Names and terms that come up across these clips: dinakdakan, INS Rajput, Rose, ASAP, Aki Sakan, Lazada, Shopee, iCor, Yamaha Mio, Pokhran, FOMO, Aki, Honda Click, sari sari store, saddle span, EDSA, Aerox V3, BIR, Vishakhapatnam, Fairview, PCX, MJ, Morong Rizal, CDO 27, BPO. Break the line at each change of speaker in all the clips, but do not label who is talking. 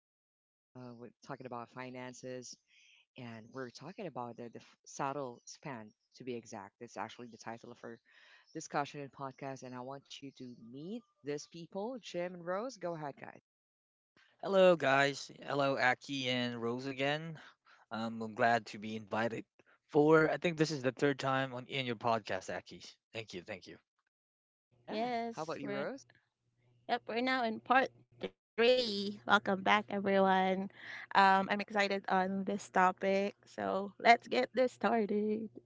our discussion. We're talking about finances, and we're talking about the saddle span, to be exact. That's actually the title of our discussion and podcast, and I want you to meet these people, Jim and Rose. Go ahead, guys.
Hello, guys. Hello, Aki and Rose again. I'm glad to be invited for, I think, this is the third time on in your podcast, Aki. Thank you. Thank you.
Yeah. How
Yes,
about you,
we're
Rose?
yep, we're now in part three. Welcome back, everyone. I'm excited on this topic, so let's get this started.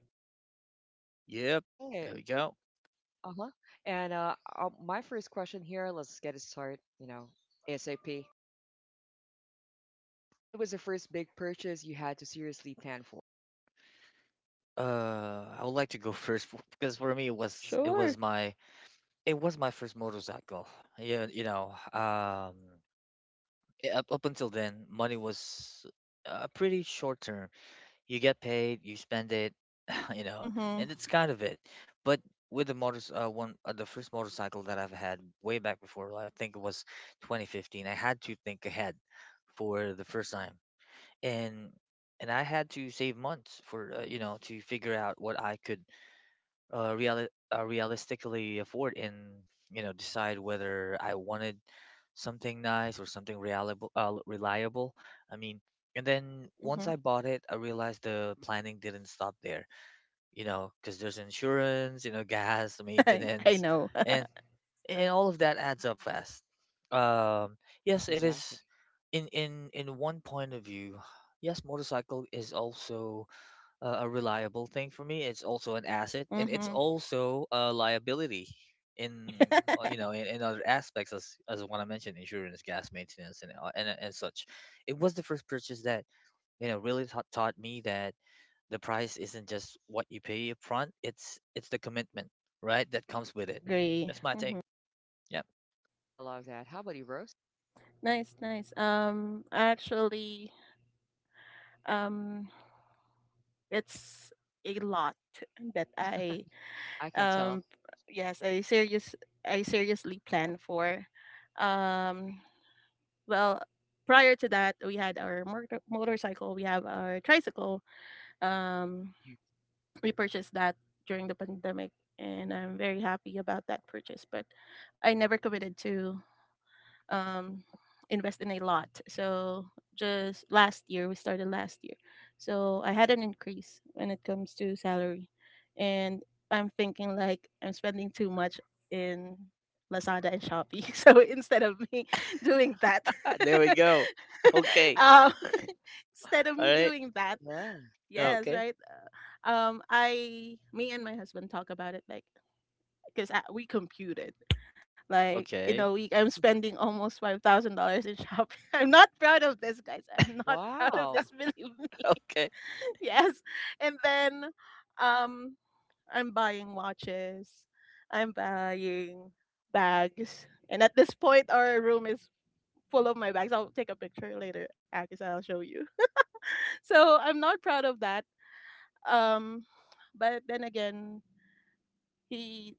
Yep, there we go.
Okay. Uh-huh. And my first question here, let's get it started, ASAP. What was the first big purchase you had to seriously plan for?
I would like to go first because for me it was it was
Sure.
my it was my first motorcycle. Yeah, you know, up until then, money was pretty short term. You get paid, you spend it, you know, and
Mm-hmm.
it's kind of it. But with the motors, one the first motorcycle that I've had way back before, I think it was 2015. I had to think ahead for the first time, and I had to save months for you know, to figure out what I could realistically afford, and you know, decide whether I wanted something nice or something reliable. Reliable, I mean. And then once
Mm-hmm.
I bought it, I realized the planning didn't stop there. You know, because there's insurance, you know, gas,
I
maintenance,
know.
and all of that adds up fast. Um, yes, it is.
Exactly.
In one point of view, yes, motorcycle is also a reliable thing for me. It's also an asset, and it's
Mm-hmm.
also a liability in you know, in other aspects as what I mentioned, insurance, gas maintenance, and and such. It was the first purchase that you know, really taught me that the price isn't just what you pay up front. It's the commitment, right, that comes with it.
Agree.
That's my take.
Mm-hmm.
Yep.
I love that. How about you, Rose?
Nice, nice. Actually, um, it's a lot that I um,
I can tell.
yes, I serious, I seriously plan for. Um, Well, prior to that, we had our motorcycle. We have our tricycle. Um,
Hmm.
we purchased that during the pandemic, and I'm very happy about that purchase. But I never committed to um, invest in a lot. So just last year, we started last year. So I had an increase when it comes to salary. And I'm thinking like I'm spending too much in Lazada and Shopee. So instead of me doing that,
Ah, there we go. Okay.
um, instead of
All
me
right.
doing that,
Yeah.
yes,
Okay.
right? Me and my husband talk about it like, because we computed. Like in
Okay.
a week, I'm spending almost $5,000 in shopping. I'm not proud of this, guys. I'm not proud of this. Believe
Wow.
me.
Okay.
Yes, and then um, I'm buying watches. I'm buying bags, and at this point, our room is full of my bags. I'll take a picture later, because I'll show you. So I'm not proud of that. Um, but then again, he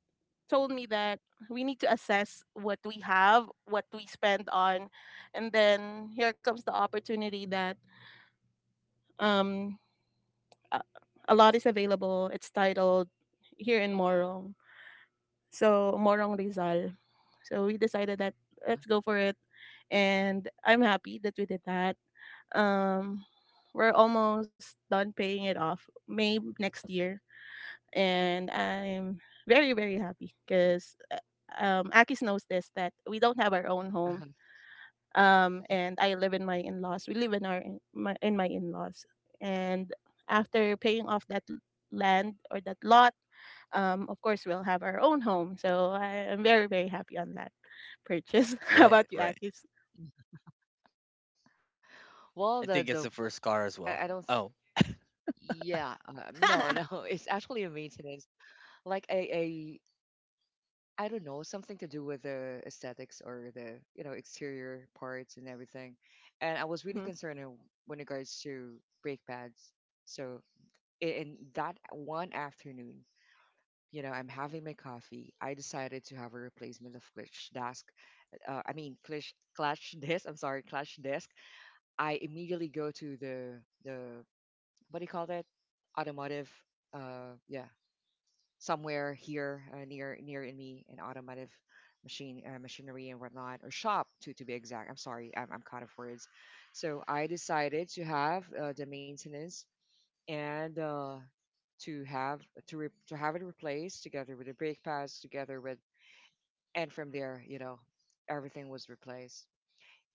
told me that we need to assess what we have, what we spend on, and then here comes the opportunity that um a, a lot is available. It's titled here in Morong, so Morong Rizal. So we decided that let's go for it,
Uh-huh.
and I'm happy that we did that. Um, we're almost done paying it off. May next year. And I'm very very happy because Akis knows this that we don't have our own home.
Uh-huh.
And I live in my in-laws. We live in my in-laws. And after paying off that land or that lot, of course we'll have our own home. So I am very very happy on that purchase. How
Right.
about you,
Right.
Akis?
Well,
I think it's
the
the first car as well.
I don't.
Oh.
Yeah. No, no. It's actually a maintenance, like a I don't know, something to do with the aesthetics or the, exterior parts and everything. And I was really
mm-hmm,
concerned when regards to brake pads. So, in that one afternoon, I'm having my coffee. I decided to have a replacement of clutch disc, I mean clash desk. I'm sorry, clash desk. I immediately go to the, the what do you call that? Automotive. Yeah, somewhere here, near in me, an automotive machine, machinery and whatnot, or shop to be exact. I'm sorry, I'm caught of words. So I decided to have, the maintenance, and to have to to have it replaced together with the brake pads, together with, and from there, everything was replaced,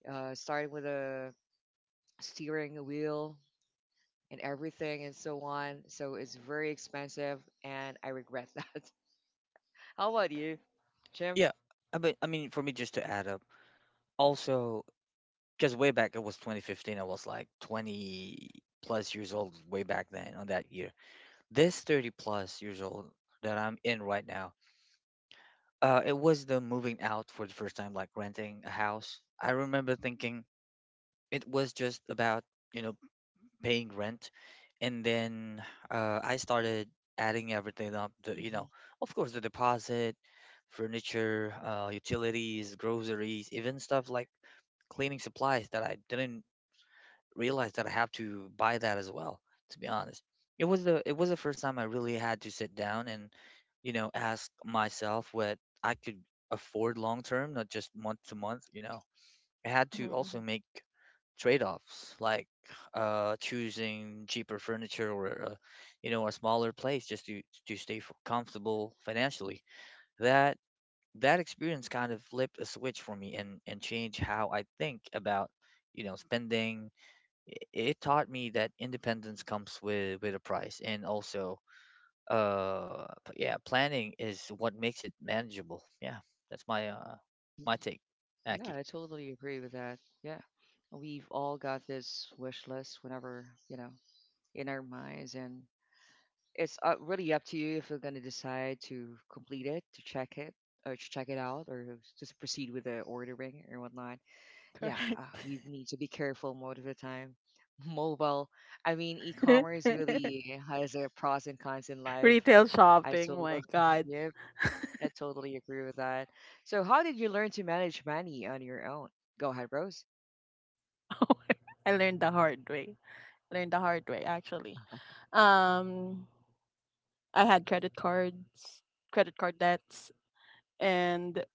starting with a steering wheel and everything and so on. So it's very expensive, and I regret that. How about you, Jim?
Yeah, for me, just to add up, also, because way back it was 2015, I was like 20 plus years old way back then on that year. This 30 plus years old that I'm in right now, it was the moving out for the first time, like renting a house. I remember thinking it was just about, you know, paying rent, and then I started adding everything up, you
Hmm.
know, of course, the deposit, furniture, utilities, groceries, even stuff like cleaning supplies that I didn't realize that I have to buy that as well, to be honest. It was the first time I really had to sit down and, you know, ask myself what I could afford long term, not just month to month, you know. I had
mm-hmm,
to
hmm.
also make trade-offs, like choosing cheaper furniture, or you know, a smaller place just to stay comfortable financially. That experience kind of flipped a switch for me, and changed how I think about you know, spending. It taught me that independence comes with a price, and also yeah, planning is what makes it manageable. Yeah, that's my
Hmm.
my take,
Yeah,
Aki.
I totally agree with that. Yeah, we've all got this wish list whenever, in our minds, and it's really up to you if you're gonna decide to complete it, to check it, or to check it out, or just proceed with the ordering or whatnot. Yeah,
Correct.
we need to be careful most of the time. Mobile, I mean, e-commerce really has a pros and cons in life.
Retail
I so
shopping, my God.
yep, I totally agree with that. So, how did you learn to manage money on your own? Go ahead, Rose.
I learned the hard way. Learned the hard way actually. Um, I had credit cards, credit card debts, and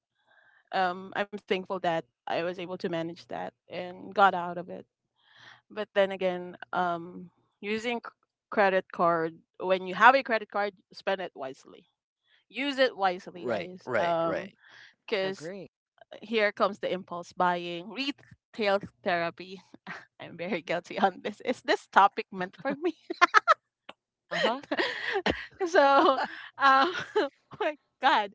I'm thankful that I was able to manage that and got out of it. But then again, using c- credit card, when you have a credit card, spend it wisely. Use it wisely,
Right,
guys.
right, right.
I
Because
agree.
here comes the impulse buying, retail therapy. I'm very guilty on this. Is this topic
Huh?
meant for me?
Uh-huh.
so, um, my God.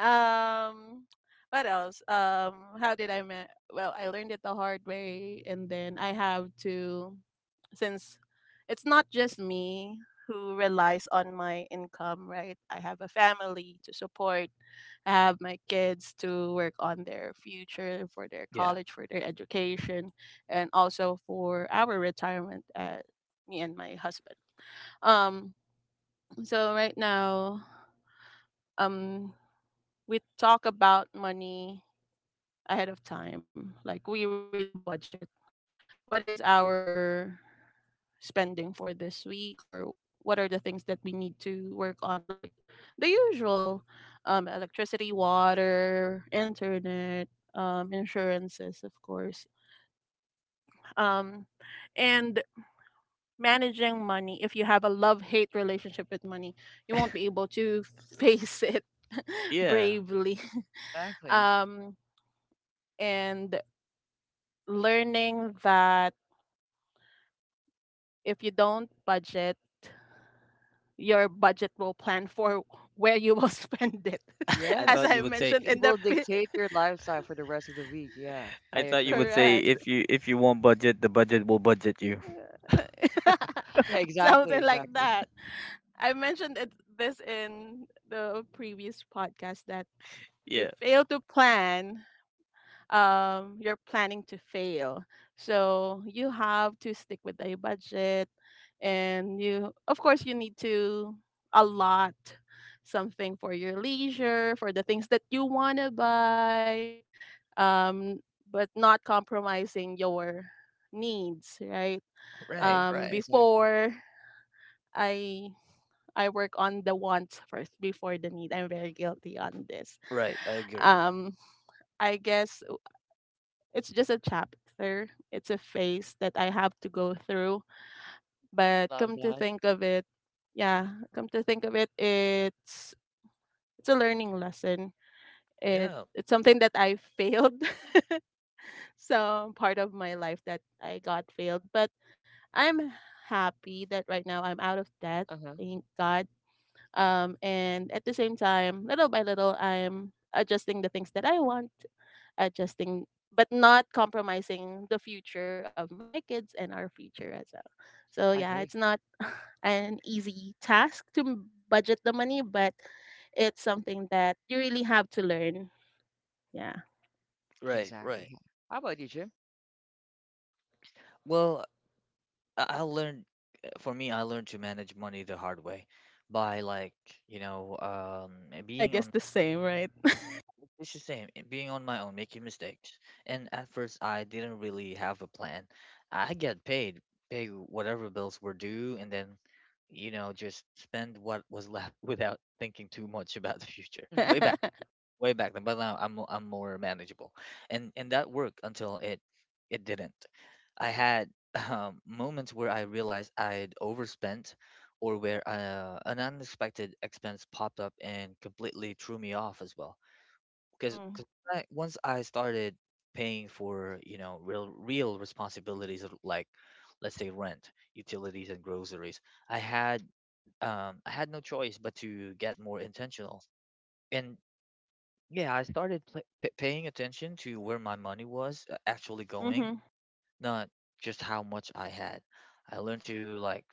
Um, what else? How did I ma- well, I learned it the hard way, and then I have to, since it's not just me who relies on my income, right? I have a family to support. I have my kids to work on their future, for their
Yeah.
college, for their education, and also for our retirement. Me and my husband. Um, so right now, um, we talk about money ahead of time. Like we really budget. What is our spending for this week, or what are the things that we need to work on? Like the usual, electricity, water, internet, insurances, of course. Um, and managing money. If you have a love-hate relationship with money, you won't be able to face it
Yeah.
bravely,
Exactly.
um, and learning that if you don't budget, your budget will plan for where you will spend it,
I
as
thought you
I
Yes.
would say
mentioned
It
in the
will dictate your lifestyle for the rest of the week. Yeah, I
I thought you would
agree.
say,
correct,
if you want budget, the budget will budget you.
Yeah, exactly,
something like
exactly.
that. I mentioned this in the previous podcast that if you
Yeah.
fail to plan, you're planning to fail, so you have to stick with a budget, and you of course you need to allot something for your leisure, for the things that you want to buy, um but not compromising your needs, right?
Right,
Hmm.
um
right,
Exactly.
before i i work on the wants first before the need. I'm very guilty on this.
right. I agree.
Um i guess it's just a chapter, it's a phase that I have to go through.
I
But
love
come to
that.
think of it, yeah, come to think of it, it's a learning lesson. It
Yeah.
it's something that I failed, some part of my life that I got failed. But I'm happy that right now I'm out of debt.
Uh-huh.
Thank God. And at the same time, little by little, I'm adjusting the things that I want, adjusting but not compromising the future of my kids and our future as well. So yeah, it's
I
not
agree.
an easy task to budget the money, but it's something that you really have to learn. Yeah.
Right, right.
Exactly. How about you, Jim?
Well, I learned for me, I learned to manage money the hard way by, like, you know,
I
being
guess
on
the same, right?
it's the same, eh, being on my own, making mistakes. And at first I didn't really have a plan. I get paid, pay whatever bills were due, and then you know, just spend what was left without thinking too much about the future.
Mm-hmm.
Way back then, but now I'm I'm more manageable. And that worked until it didn't. I had moments where I realized I'd overspent, or where an unexpected expense popped up and completely threw me off as well. Because
Mhm.
once I started paying for, you know, real responsibilities of, like, let's say, rent, utilities and groceries, I had I had no choice but to get more intentional. And yeah, I started paying attention to where my money was actually
Mhm.
going,
Mhm.
not just how much I had. I learned to, like,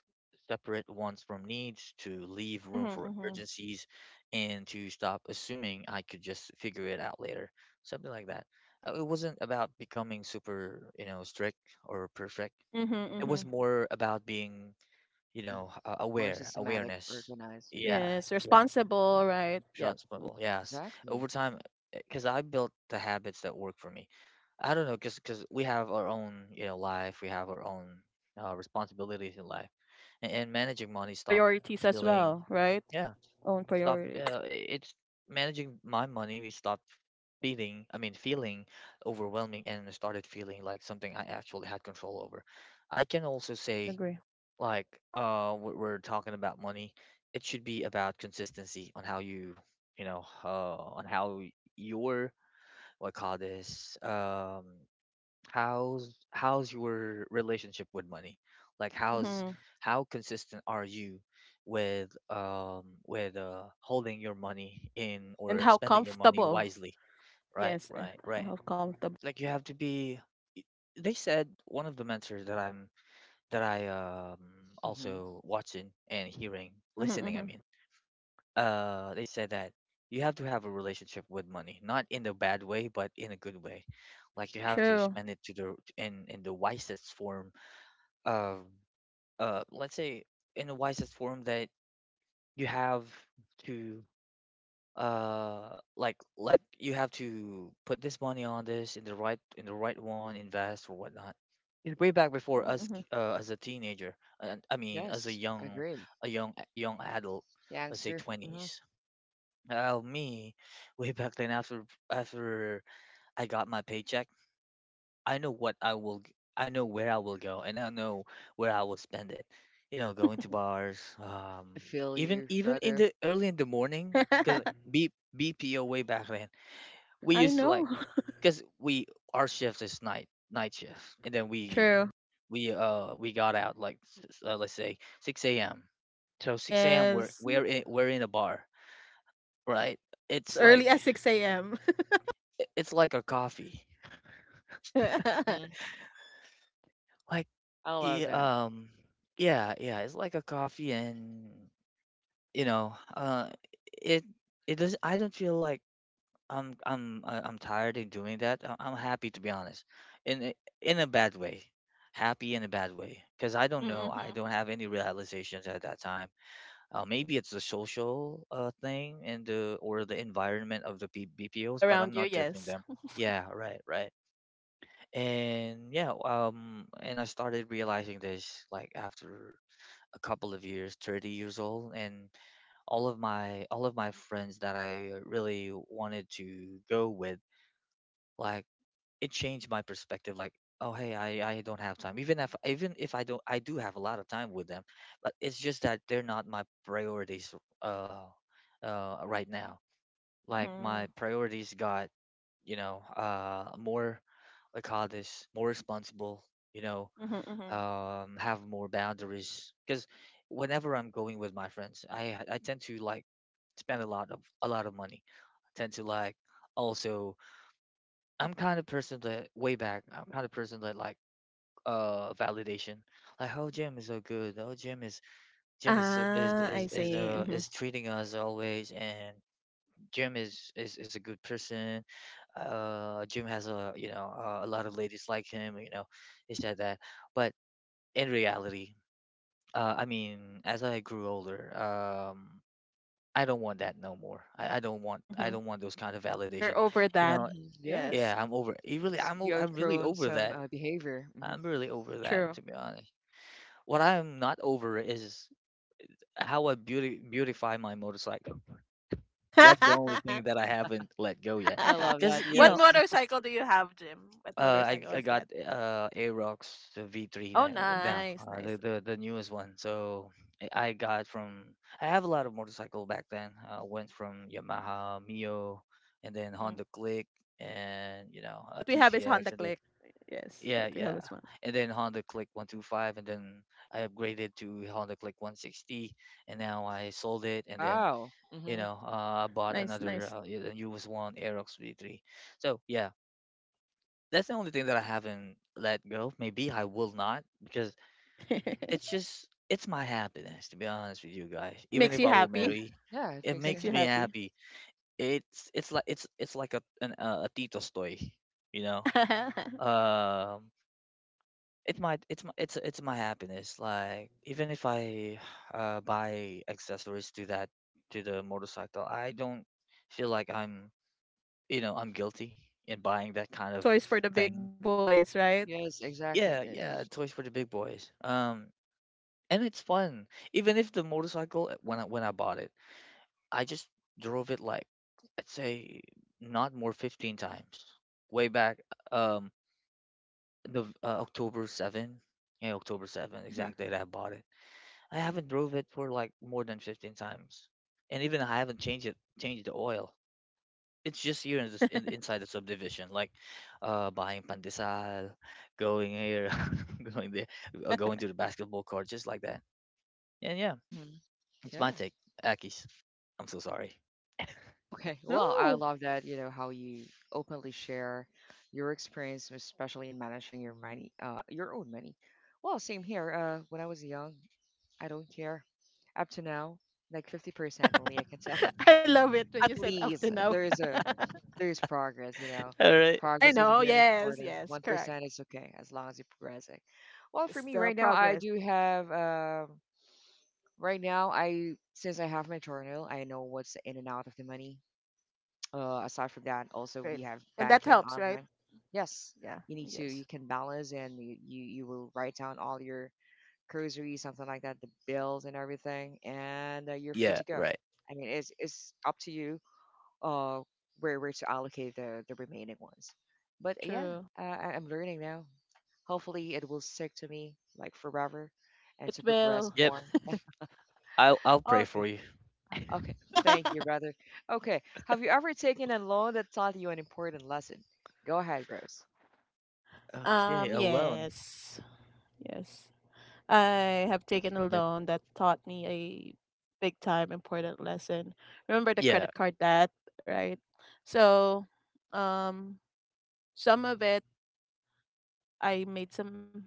separate wants from needs, to leave room for
Mhm.
urgencies, and to stop assuming I could just figure it out later. Something like that. It wasn't about becoming super, you know, strict or perfect.
Mhm.
It was
Mhm.
more about being you
Mm-hmm.
know,
More systematic,
awareness.
organized. Mm-hmm.
Yeah,
Yes,
yeah
responsible,
yeah
right? Yep.
responsible, yes, over
Exactly.
time, because I built the habits that work for me. I don't know, because we have our own, you know, life, we have our own responsibilities in life, and, managing money stopped
Priorities as
feeling,
well, right?
yeah,
Own
stop
priorities.
it's managing my money, we stopped feeling I mean feeling overwhelming, and started feeling like something I actually had control over. I can also say,
Agree.
like, we're talking about money, it should be about consistency on how you you know, on how y- your what call this how's your relationship with money, like, how's
Mhm.
how consistent are you with um with holding your money in
And
or
how
spending your money
comfortable.
wisely. Right,
Yes,
right,
I
right.
have comfortable.
Like you have to be, they said, one of the mentors that I
Mm-hmm.
also watching and hearing,
Hmm,
listening, I
hmm.
mean, they said that you have to have a relationship with money, not in a bad way, but in a good way. Like you have to
True.
spend it to the in the wisest form of let's say, in the wisest form, that you have to like you have to put this money on this in the right one, invest or whatnot. It Way back before
Hmm,
us,
hmm.
as a teenager, and I mean, as a
Yes, I
young,
agree.
young adult, let's say
Youngster. Mm-hmm.
20s. Me, way back then, after after I got my paycheck, I know what I will I know where I will go, and I know where I will spend it. You know, going to bars,
I
um,
feel you,
even in
brother.
the early in the morning, cuz B, BPO way back then, we
I
used to, like,
know.
cuz we, our shift is night shift, and then
True.
we got out, like, let's say, 6 a.m. So 6 a.m. we're
Yes.
we're in a bar, right?
As
It's
early
like,
as 6 a.m.
it's like a coffee.
Mm-hmm.
Like,
I love
yeah,
that.
yeah. It's like a coffee, and you know, it it does. I don't feel like I'm tired of doing that. I'm happy, to be honest, in a- in a bad way, happy in a bad way, because I don't know. I
Mm-hmm.
don't have any realizations at that time. Maybe it's the social thing, and the, or the environment of the
People
BPOs, but I'm
around you,
not judging
yes.
them. Yeah, right, right. And yeah, and I started realizing this, like, after a couple of years, 30 years old, and all of my friends that I really wanted to go with, like, it changed my perspective. Like, oh hey, I don't have time. Even if I don't, I do have a lot of time with them, but it's just that they're not my priorities. Uh, right now, like, my
Mm-hmm.
priorities got you know, more like, how this, more responsible. You know,
Mm-hmm, mm-hmm.
have more boundaries, because whenever I'm going with my friends, I tend to, like, spend a lot of money. I tend to, like, also, I'm kind of person that way back, I'm kind of person that, like, validation. Like, oh, Jim is so good, oh, Jim is so,
Ah, I see. Mm-hmm.
is treating us always, and Jim is, is a good person, Jim has a, you know, a lot of ladies like him, you know, he said that. But in reality, as I grew older, I don't want that no more. I don't want,
Mm-hmm.
those kind of validation.
You're over
You
that.
know,
Mm-hmm. Yeah.
yeah,
Yes.
I'm over. You really,
You
I'm really
outgrown
over
some,
that.
behavior. Mm-hmm.
I'm really over that,
True.
to be honest. What I'm not over is how I beauty beautify my motorcycle. That's the only thing that I haven't let go yet.
I love
Because
that.
you
What
know,
Yes.
motorcycle do you have, Jim? What motorcycle
I
is
got
that?
Aerox the V3
Oh,
Mm-hmm.
now,
nice,
the,
nice.
the newest one. So I got from, I have a lot of motorcycle back then. I went from Yamaha, Mio, and then
Mm-hmm.
Honda Click, and a
What we have is
PCX,
Honda
and then
Click. Yes,
yeah,
what we have
yeah,
is one.
and then Honda Click 125, and then I upgraded to Honda Click 160, and now I sold it, and then
Wow. Mm-hmm.
I bought
Nice,
another
nice.
the newest one, Aerox V3. So yeah, that's the only thing that I haven't let go. Maybe I will not, because it's just it's my happiness, to be honest with you guys. Even
Makes
if
you
I will
Yeah.
happy.
marry,
Yeah. It
it
makes you
Makes
makes
you
me
happy.
happy.
happy. It's like it's like a Tito's toy, you know. Um, it might it's my happiness. Like, even if I buy accessories to the motorcycle, I don't feel like I'm you know I'm guilty in buying that kind of
Toys for the big
thing.
boys, right?
Yes,
Yeah.
exactly.
Yeah, yeah, toys for the big boys. And it's fun. Even if the motorcycle, when I bought it, I just drove it like, let's say, not more 15 times. Way back, um, the October 7, yeah, October 7,
Mm-hmm.
exact date I bought it. I haven't drove it for like more than 15 times, and even I haven't changed the oil. It's just you in, this- in inside the subdivision, like buying pandesal, going here, going there, going to the basketball court, just like that. And yeah,
Mm-hmm.
it's
Yeah.
my take, Aki's. I'm so sorry.
Okay, well, I
No.
love that, how you openly share your experience, especially in managing your money, your own money. Well, same here. When I was young, I don't care. Up to now, like 50% only, I can tell.
I love it when
At
you said up to
least
now.
there is progress.
All right.
I
Progress is
know.
very
Yes,
important.
yes, correct.
1% is okay as long as you're progressing. Well, for me
Still
right now, I
progress.
do have right now, I since I have my journal, I know what's in and out of the money, aside from that,
Great,
also
great.
we have
And that
banking
helps, right?
online. Yes,
Yeah,
you need to
yes.
you can balance and you will write down all your groceries, something like that, the bills and everything, and you're free
Yeah,
to go.
right.
I mean, it's up to you, uh where to allocate the remaining ones. But yeah,
True.
I'm learning now. Hopefully, it will stick to me like forever, and
It
to progress
will.
Yep,
more.
I'll pray for
Okay.
you.
Okay, thank you, brother. Okay, have you ever taken a loan that taught you an important lesson? Go ahead, Rose.
Okay, alone.
Yes. Yes. I have taken a
Yeah,
loan that taught me a big time important lesson. Remember the
yeah,
credit card debt, right? So, um, some of it, I made some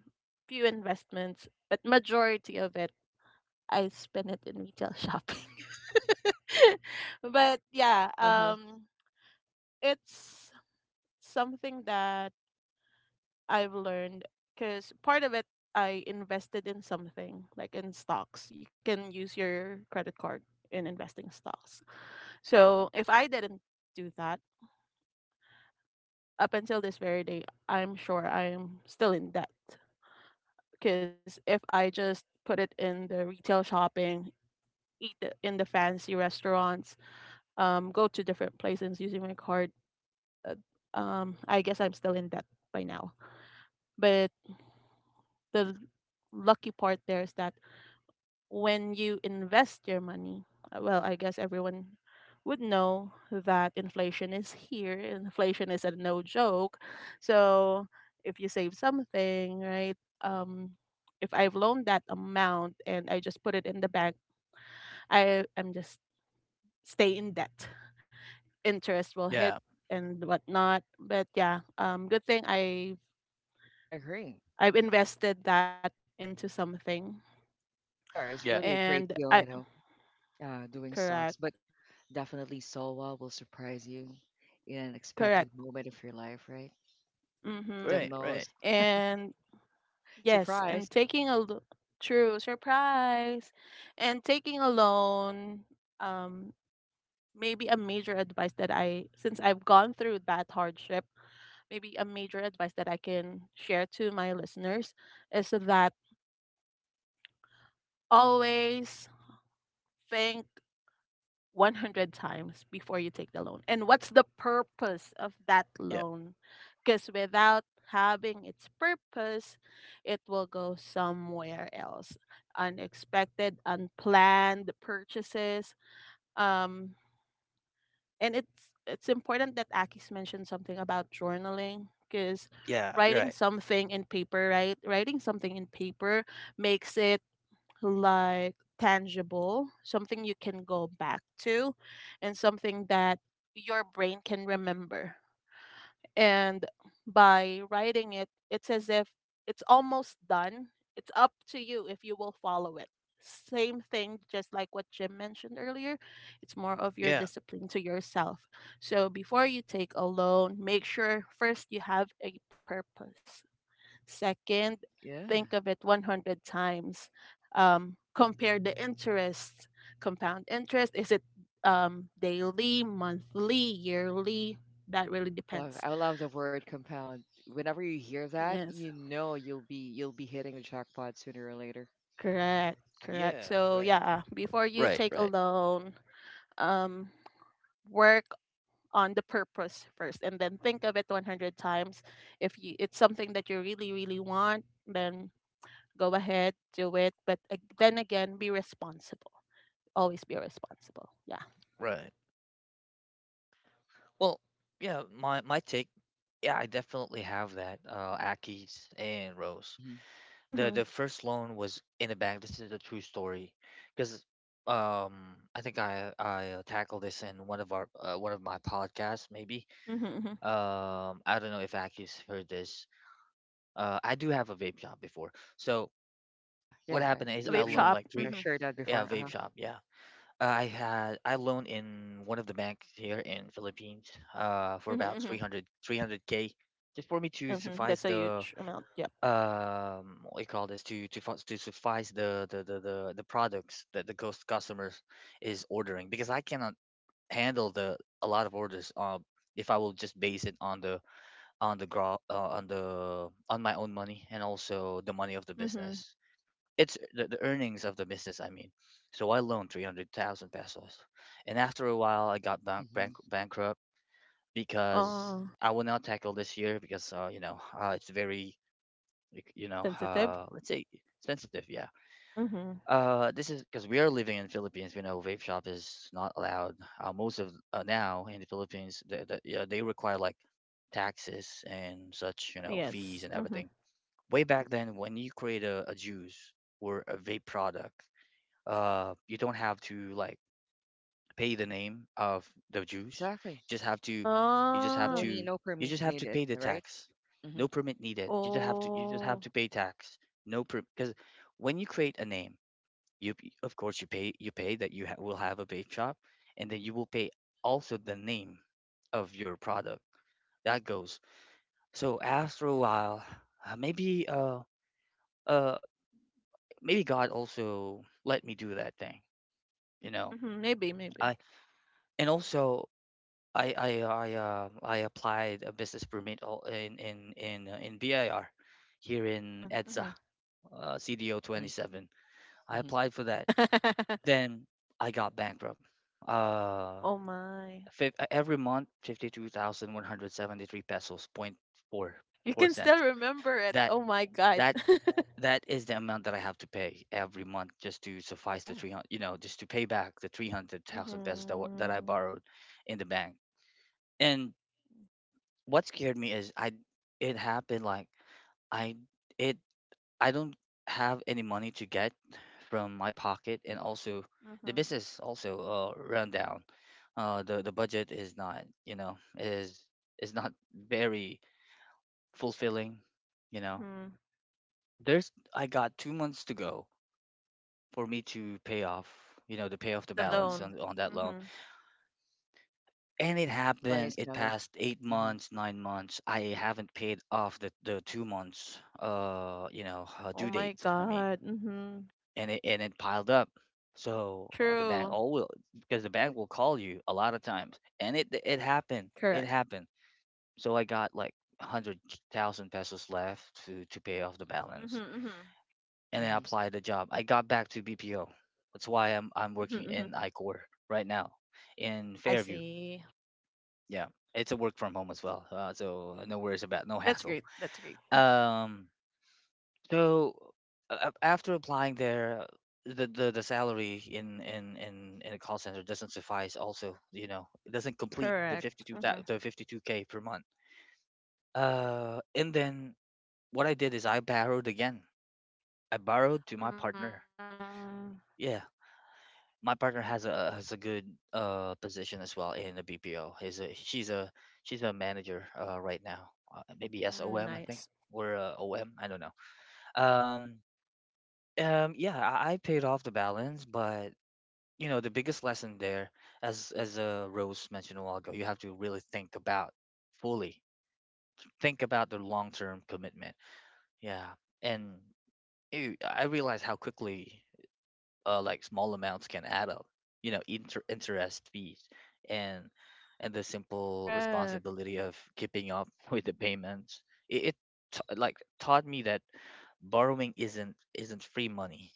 few investments, but majority of it I spent it in retail shopping. but yeah,
Mm-hmm.
it's something that I've learned because part of it I invested in something like in stocks. You can use your credit card in investing stocks. So if I didn't do that up until this very day, I'm sure I'm still in debt because if I just put it in the retail shopping, in the fancy restaurants, go to different places using my card, uh, I guess I'm still in debt by now. But the lucky part there is that when you invest your money, well, I guess everyone would know that inflation is here. Inflation is a no joke. So if you save something, right? Um, if I've loaned that amount and I just put it in the bank, I am just stay in debt. Interest will hit
yeah,
and whatnot. But yeah, um, good thing I
I agree.
I've invested that into something,
Yeah, it's
yeah.
really a great
and
deal,
I
doing stocks,
correct,
but definitely Solwa will surprise you in an
correct.
unexpected moment of your life, right? The
Mm-hmm.
Right, right.
most
And yes, and
surprise.
taking a true surprise. And taking a loan, um maybe a major advice that I, since I've gone through that hardship, maybe a major advice that I can share to my listeners is that always think 100 times before you take the loan. And what's the purpose of that
Yeah,
loan? Because without having its purpose, it will go somewhere else. Unexpected, unplanned purchases. Um, and it's important that Akis mentioned something about journaling, because
yeah,
writing
right.
something in paper, right? Writing something in paper makes it like tangible, something you can go back to, and something that your brain can remember. And by writing it, it's as if it's almost done. It's up to you if you will follow it. Same thing, just like what Jim mentioned earlier, it's more of your
Yeah,
discipline to yourself. So before you take a loan, make sure first you have a purpose. Second,
Yeah.
think of it 100 times. Compare the interest, compound interest. Is it daily, monthly, yearly? That really
I love
depends.
I love the word compound. Whenever you hear that,
Yes,
you know you'll be hitting the jackpot sooner or later.
correct, correct.
yeah,
So,
right,
yeah, before you
right,
take a
right,
loan, um, work on the purpose first and then think of it 100 times. If you, it's something that you really, really want, then go ahead, do it. But then again, be responsible. Always be responsible. Yeah.
right. Well, yeah, my take, yeah, I definitely have that. Aki's and Rose.
Hmm.
The
Mm-hmm.
the first loan was in a bank. This is a true story, because I think I tackled this in one of my podcasts maybe.
Mm-hmm. Mm-hmm.
I don't know if Aki's heard this. I do have a vape shop before. So
Yeah,
what
yeah.
happened is
Ah,
You
I
vape
you've
loaned
shop.
like three.
Mm-hmm.
shared that
Yeah,
before.
vape
Uh-huh.
shop. Yeah. I loaned in one of the banks here in Philippines, for
Mm-hmm.
about
Mm-hmm.
three hundred three hundred k, just for me to
Mm-hmm.
suffice
That's a
the,
huge amount. Yep.
what you call this, to suffice the products that the ghost customers is ordering, because I cannot handle the a lot of orders, if I will just base it on the, on my own money, and also the money of the
Mm-hmm.
business, the earnings of the business, I mean. So I loaned 300,000 pesos, and after a while, I got
Hmm.
bankrupt, because
Uh,
I will not tackle this year because, it's very, like,
sensitive.
let's say, sensitive, yeah.
Mm-hmm.
This is because we are living in Philippines. We know vape shop is not allowed. Most of now in the Philippines, yeah, they require like taxes and such, you know, fees
Yes.
and
Mm-hmm.
everything. Way back
Hmm.
then, when you create a juice or a vape product, you don't have to like pay the name of the juice. You
Exactly.
just have to you just have
No
Ah.
to
need, no
you just
permit
have to pay
needed,
the
right?
tax. No
Mm-hmm.
permit needed, you just have to
Oh.
pay tax. No per Because when you create a name, of course you pay that, you will have a vape shop, and then you will pay also the name of your product, that goes. So after a while, uh, maybe uh uh maybe God also let me do that thing you know
Mm-hmm. Maybe. Maybe.
I and also I applied a business permit, all in BIR here in EDSA,
Mm-hmm.
CDO
Mm-hmm.
27. I
Mm-hmm.
applied for that.
Mm-hmm.
Then I got bankrupt. Uh,
Oh my.
every month, 52,173 pesos, point four
You
four
can still
cents.
remember it.
That
Oh my god.
that that is the amount that I have to pay every month, just to suffice the
Yeah.
300, just to pay back the 300,000 pesos that, that I
mm-hmm.
borrowed in the bank. And what scared me is, I it happened like I it I don't have any money to get from my pocket, and also the
Mm-hmm.
business also run down. The budget is not, you know, is not very fulfilling, you know.
Mm-hmm.
There's I got 2 months to go for me to pay off, you know, to pay off the
The
Mm-hmm.
balance
loan.
on that loan.
Mm-hmm.
And it
Deadline
happened.
is
It
coming.
passed eight
Mm-hmm.
months, 9 months. I haven't paid off the 2 months,
Oh
due
my
date, I mean,
god. Mm-hmm.
and it piled up. So, the bank
True.
all will because the bank will call you a lot of times, and it happened. It happened. So I got like 100,000 pesos left to pay off the
Mm-hmm,
balance,
mm-hmm,
and I
Mm-hmm.
applied the job. I got back to BPO. That's why I'm working
mm-hmm, mm-hmm.
in iCor right now in
I
Fairview.
see.
Yeah, it's a work from home as well, so no worries about no
That's
hassle.
great. That's great.
Um, so after applying there, the salary in a call center doesn't suffice. Also, you know, it doesn't complete the
Correct. Mm-hmm.
52K per month. And then what I did is I borrowed again. I borrowed to my partner.
Mm,
Yeah, my partner has a good position as well in the BPO. He's a she's a She's a manager right now. Maybe
mm,
SOM, I
nice.
think, or OM, I don't know. Um um yeah, I paid off the balance, but the biggest lesson there, as Rose mentioned a while ago, you have to really think about fully think about the long term commitment. Yeah, and I realized how quickly, like, small amounts can add up. You know, interest fees and and the simple
Correct.
responsibility of keeping up with the payments. It taught me that borrowing isn't free money.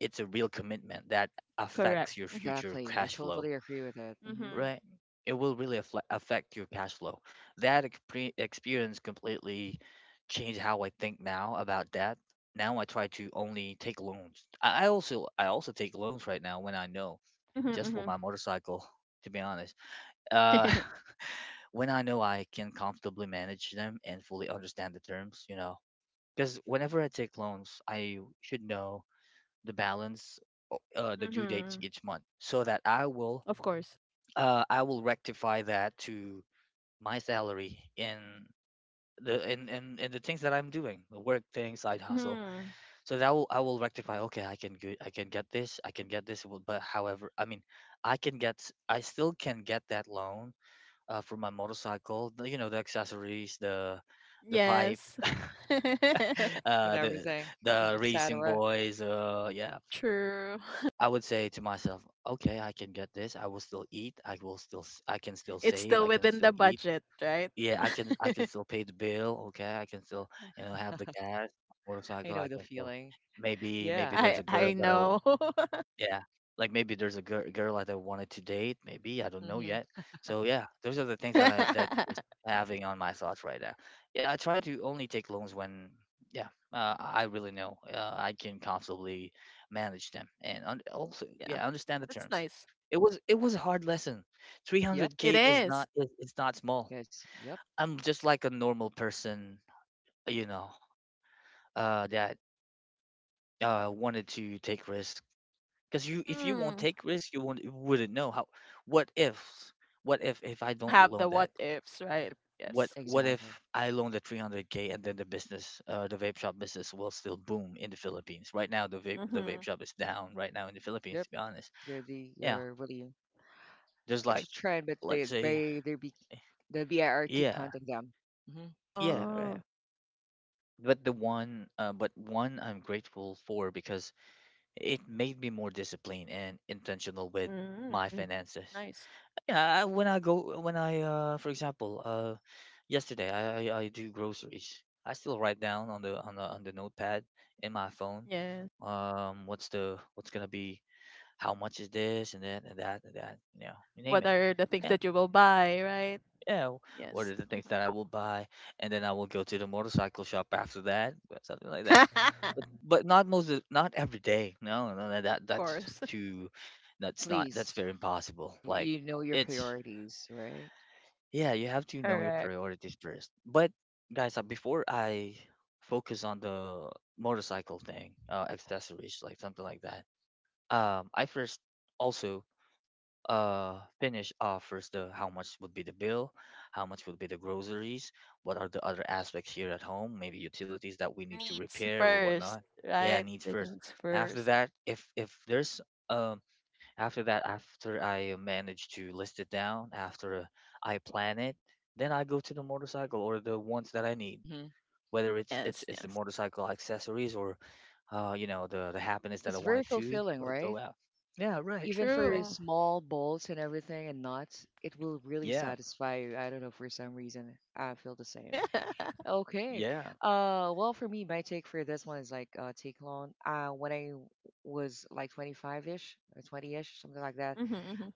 It's a real commitment that
Correct.
affects your
Mm-hmm,
future
Exactly. I
cash flow,
totally agree with that. Mm-hmm.
mm-hmm,
right? It will really affect your cash flow. That experience completely changed how I think now about debt. Now I try to only take loans. I also take loans right now when I know, just
mm-hmm,
for my motorcycle. To be honest, uh,
mm-hmm.
when I know I can comfortably manage them and fully understand the terms, because whenever I take loans, I should know the balance, the due dates
mm-hmm.
each month, so that I will
Of course.
rectify that to my salary in the things that I'm doing, the work thing, side hustle.
Mm-hmm.
So that will I will rectify. Okay, I can go, I can get this, I can get this. But however, I mean, I still can get that loan, for my motorcycle. You know, the accessories, the pipe,
Yes.
Mm-hmm. And
uh, the
everything,
the racing
etc.
boys. Yeah,
True.
I would say to myself, okay, I can get this. I will still eat. I can still
It's
save.
still
I can
within the
still eat.
budget, right?
Yeah, I can still pay the bill, okay? I can still, have the gas,
I
motorcycle,
know
I
the
can still,
feeling.
maybe
Yeah.
there's
I
a girl
I
that
know.
yeah, like maybe there's a girl that I wanted to date, maybe, I don't know yet.
Mm-hmm.
So yeah, those are the things that I that
Yeah.
is having on my thoughts right now. Yeah, I try to only take loans when, yeah, I really know, I can comfortably manage them and, un also, yeah, understand the
That's
terms.
nice.
It was a hard lesson.
Yep.
It
300K is
is.
not is it's not small.
Yes. Yep.
I'm just like a normal person, you know, that wanted to take risks. If you won't
Mm-hmm.
take risks, you wouldn't know how. What if? What if I
You'll
don't
have
loan
the
that?
what ifs,
Yep.
right? Yes.
What
Exactly.
if I loan the 300k, and then the business, the vape shop business will still boom in the Philippines. Right now, the vape
Mm-hmm.
shop is down right now in the Philippines.
Yep.
To be honest,
They're the,
yeah,
really
just like,
it's a trend, but
let's
they
say,
they they be the BIR keep
yeah,
hunting them. Mm-hmm.
yeah, yeah.
Oh.
But one I'm grateful for, because it made me more disciplined and intentional with my
Mm.
finances.
Nice.
Yeah, I, when I go, when I, for example, yesterday I do groceries. I still write down on the notepad in my phone.
Yeah.
What's gonna be? How much is this and that and that and that? You know, you name
What
it.
are the things
Yeah.
that you will buy, right?
Yeah, what
Yes.
are the things that I will buy, and then I will go to the motorcycle shop after that, or something like that. But but not most of, not every day. No, no, no, that
Of
that's
course.
too,
At
that's not that's
least
very impossible.
if
Like
you know your
it's
priorities, right?
yeah, you have to know your
Correct.
priorities first. But guys, before I focus on the motorcycle thing, accessories like something like that, I first also finish off first the how much would be the bill, how much would be the groceries, what are the other aspects here at home, maybe utilities that we
The
need to
needs
repair or
first,
whatnot. Yeah
right?
needs
The
first.
needs
After
first.
that, if there's um after that, after I manage to list it down, after I plan it, then I go to the motorcycle or the ones that I need,
Mhm.
whether it's it's
Yes,
it's the
yes.
motorcycle accessories or you know the happiness that I
It's very
wanted to
fulfilling,
go
right?
out. Yeah, right,
Even for
right.
True.
small bowls and everything and nuts, it will really
Yeah,
satisfy you. I don't know, for some reason, I feel the same.
mm-hmm.
Okay.
yeah.
Well, for me, my take for this one is like, take long. When I was like 25-ish or 20-ish, something like that,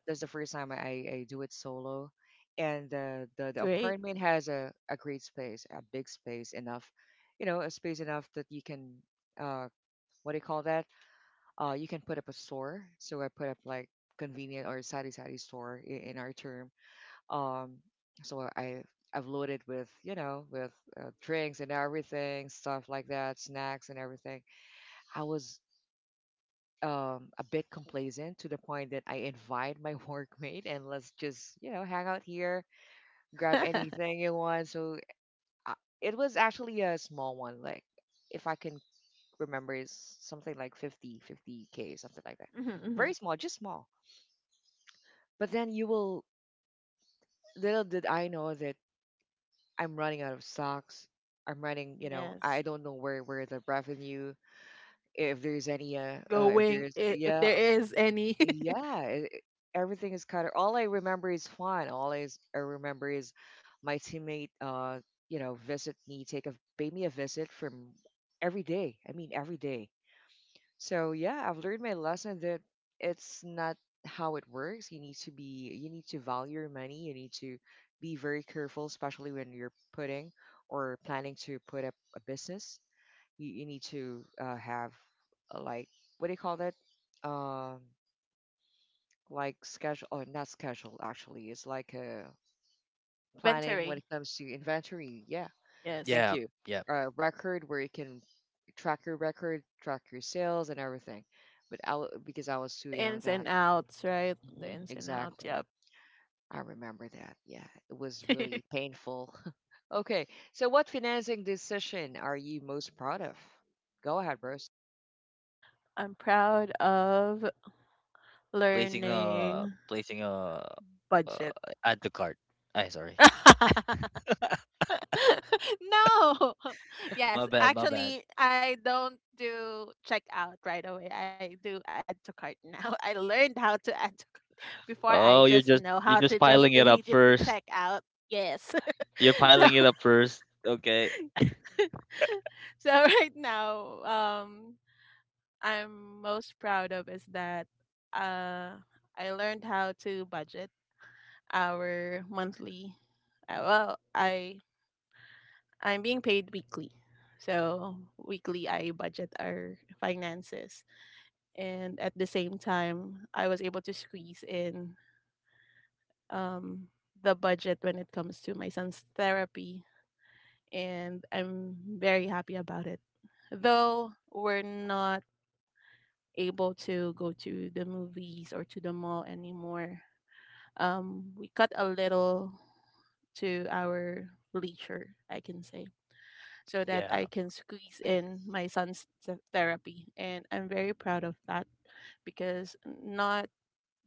that's the first time I do it solo. And the
Great.
apartment has a great space, a big space enough, a space enough that you can, uh, what do you call that? You can put up a store. So I put up like convenient or sari sari store in our term. Um, so I've loaded with, with, drinks and everything, stuff like that, snacks and everything. I was, a bit complacent to the point that I invite my workmate and let's just hang out here, grab
mm-hmm,
anything you want. So, uh, it was actually a small one, like if I can remember, is something like 50K, something like that.
hmm.
Very small, just small. But then you will, Little did I know that I'm running out of stocks. I'm running,
Yes.
I don't know where the revenue, if there's any,
It's
if
going,
there's,
if
yeah,
there is any
yeah, everything is kind of. All I remember is fun. I remember is my teammate, visit me, pay me a visit from every day. I mean, every day. So yeah, I've learned my lesson that it's not how it works. You need to value your money. You need to be very careful, especially when you're putting or planning to put up a business. You need to, have, like, what do you call that? Um, like schedule, or not schedule actually. It's like a planning when
inventory.
it comes to inventory. Yeah,
Yes.
thank
Yeah,
you.
yeah.
A record where you can track your record, track your sales, and everything. But because I was too
The
young
ins
then.
and outs, right? The
Hmm,
ins and outs.
exactly.
Yep.
I remember that. Yeah, it was really painful. Okay, so what financing decision are you most proud of? Go ahead, Bruce.
I'm proud of
Placing a
learning
uh,
budget.
add to cart. I sorry.
No. Yes,
My bad, my bad.
actually I don't do checkout right away. I do add to cart now. I learned how to add to cart before. I
Oh,
just
you're just
know how to just
piling it up
immediately check
first.
out. Yes.
You're
so
piling it up first. Okay.
so right now I'm most proud of is that uh I learned how to budget our monthly well, I'm being paid weekly, so weekly I budget our finances, and at the same time I was able to squeeze in um, the budget when it comes to my son's therapy, and I'm very happy about it. Though we're not able to go to the movies or to the mall anymore, we cut a little to our leisure, I can say, so that I
Yeah.
can squeeze
Yeah.
in my son's therapy. And I'm very proud of that, because not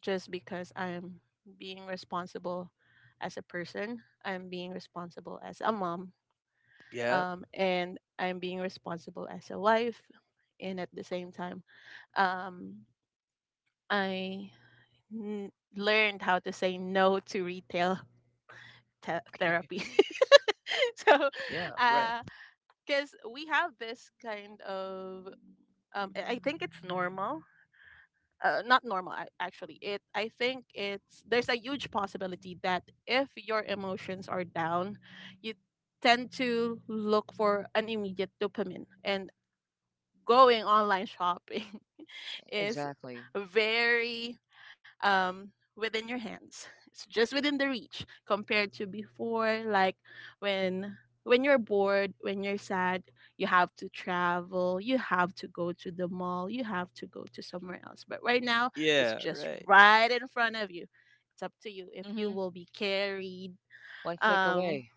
just because I'm being responsible as a person, I'm being responsible as a mom,
Yeah.
and I'm being responsible as a wife. And at the same time, um, I learned how to say no to retail
Okay.
therapy. So,
Yeah, right.
because we have this kind of, I think it's normal. Not normal, actually, it I think it's there's a huge possibility that if your emotions are down, you tend to look for an immediate dopamine and going online shopping
Yeah,
is
exactly.
very within your hands. It's just within the reach compared to before, like when you're bored, when you're sad, you have to travel, you have to go to the mall, you have to go to somewhere else. But right now, it's
Yeah,
just
right.
right in front of you. It's up to you if you
Mm-hmm.
will be carried.
One click
um,
away.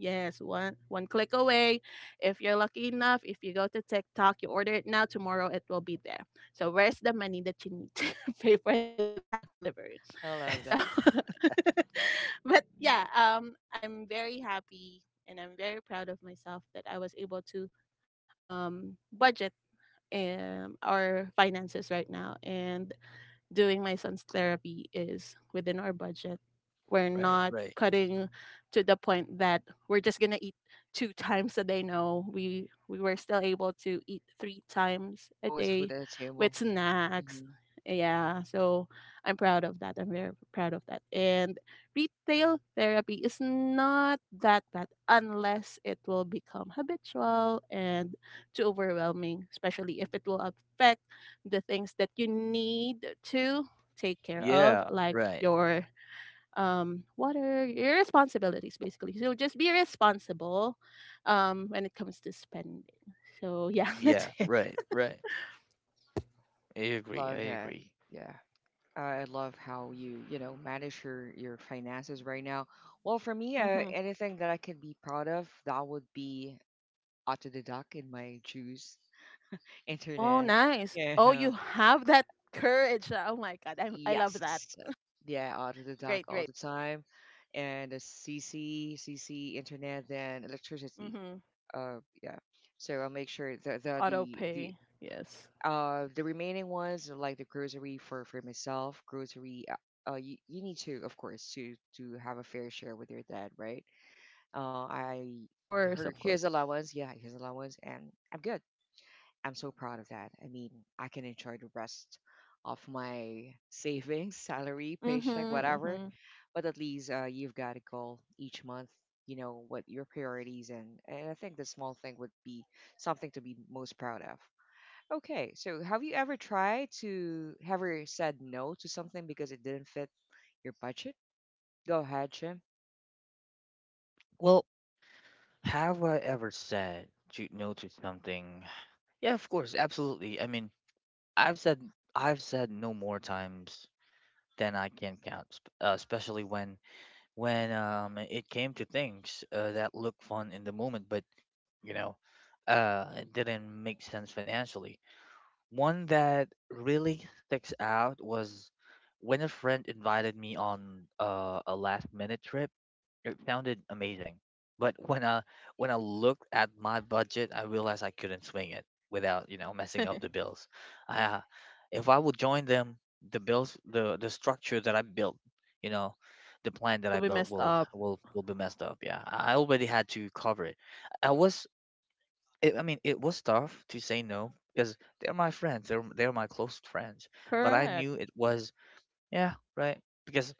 Yes, one click away. If you're lucky enough, if you go to TikTok, you order it now, tomorrow it will be there. So where's the money that you need to pay for that delivery?
I
So
love that.
but yeah, I'm very happy and I'm very proud of myself that I was able to budget our finances right now, and doing my son's therapy is within our budget. We're
Right,
not
right.
cutting to the point that we're just gonna eat two times a day. No, we were still able to eat three times
It's
a
always food
day
at the table.
with snacks.
Hmm.
Yeah, so I'm proud of that. I'm very proud of that. And retail therapy is not that bad unless it will become habitual and too overwhelming, especially if it will affect the things that you need to take care of,
Yeah,
like
right.
your what are your responsibilities, basically. So just be responsible when it comes to spending. So yeah, that's
Yeah,
it.
right, right. I
I
agree. I
love that.
agree.
Yeah. I love how you, manage your finances right now. Well, for me,
Hmm.
anything that I can be proud of, that would be auto deduct in my juice,
Oh,
internet,
nice.
you
Oh, you
know.
have that courage, oh my god, I love that.
Yes. Yeah, auto deduct
Great,
all
great.
the time. And a CC internet, then electricity.
Mm-hmm.
Yeah. So I'll make sure that the
Auto
the the
pay, yes.
Uh, the remaining ones are like the grocery for myself, grocery. You need to, of course, to have a fair share with your dad, right? I
Of course,
her
of course.
his allowance, yeah, his allowance, and I'm good. I'm so proud of that. I mean, I can enjoy the rest of my savings, salary,
Mm-hmm,
paycheck, whatever.
mm-hmm.
But at least, you've got a goal each month. You know what your priorities, and I think the small thing would be something to be most proud of. Okay, so have you ever tried to ever said no to something because it didn't fit your budget? Go ahead, Jim.
Well, have I ever said to no to something? Yeah, of course, absolutely. I mean, I've said I've said no more times then I can count. Especially when it came to things that looked fun in the moment, but you know, it didn't make sense financially. One that really sticks out was when a friend invited me on a last minute trip. It sounded amazing, but when I looked at my budget, I realized I couldn't swing it without you know messing up the bills. I, if I would join them, the bills, the structure that I built, you know, the plan that
Could
I
be
built
messed
will
up.
will will be messed up. Yeah, I already had to cover it. I was, I mean, it was tough to say no because they're my friends, they're my close friends, but I
Correct.
knew it was, yeah, right, because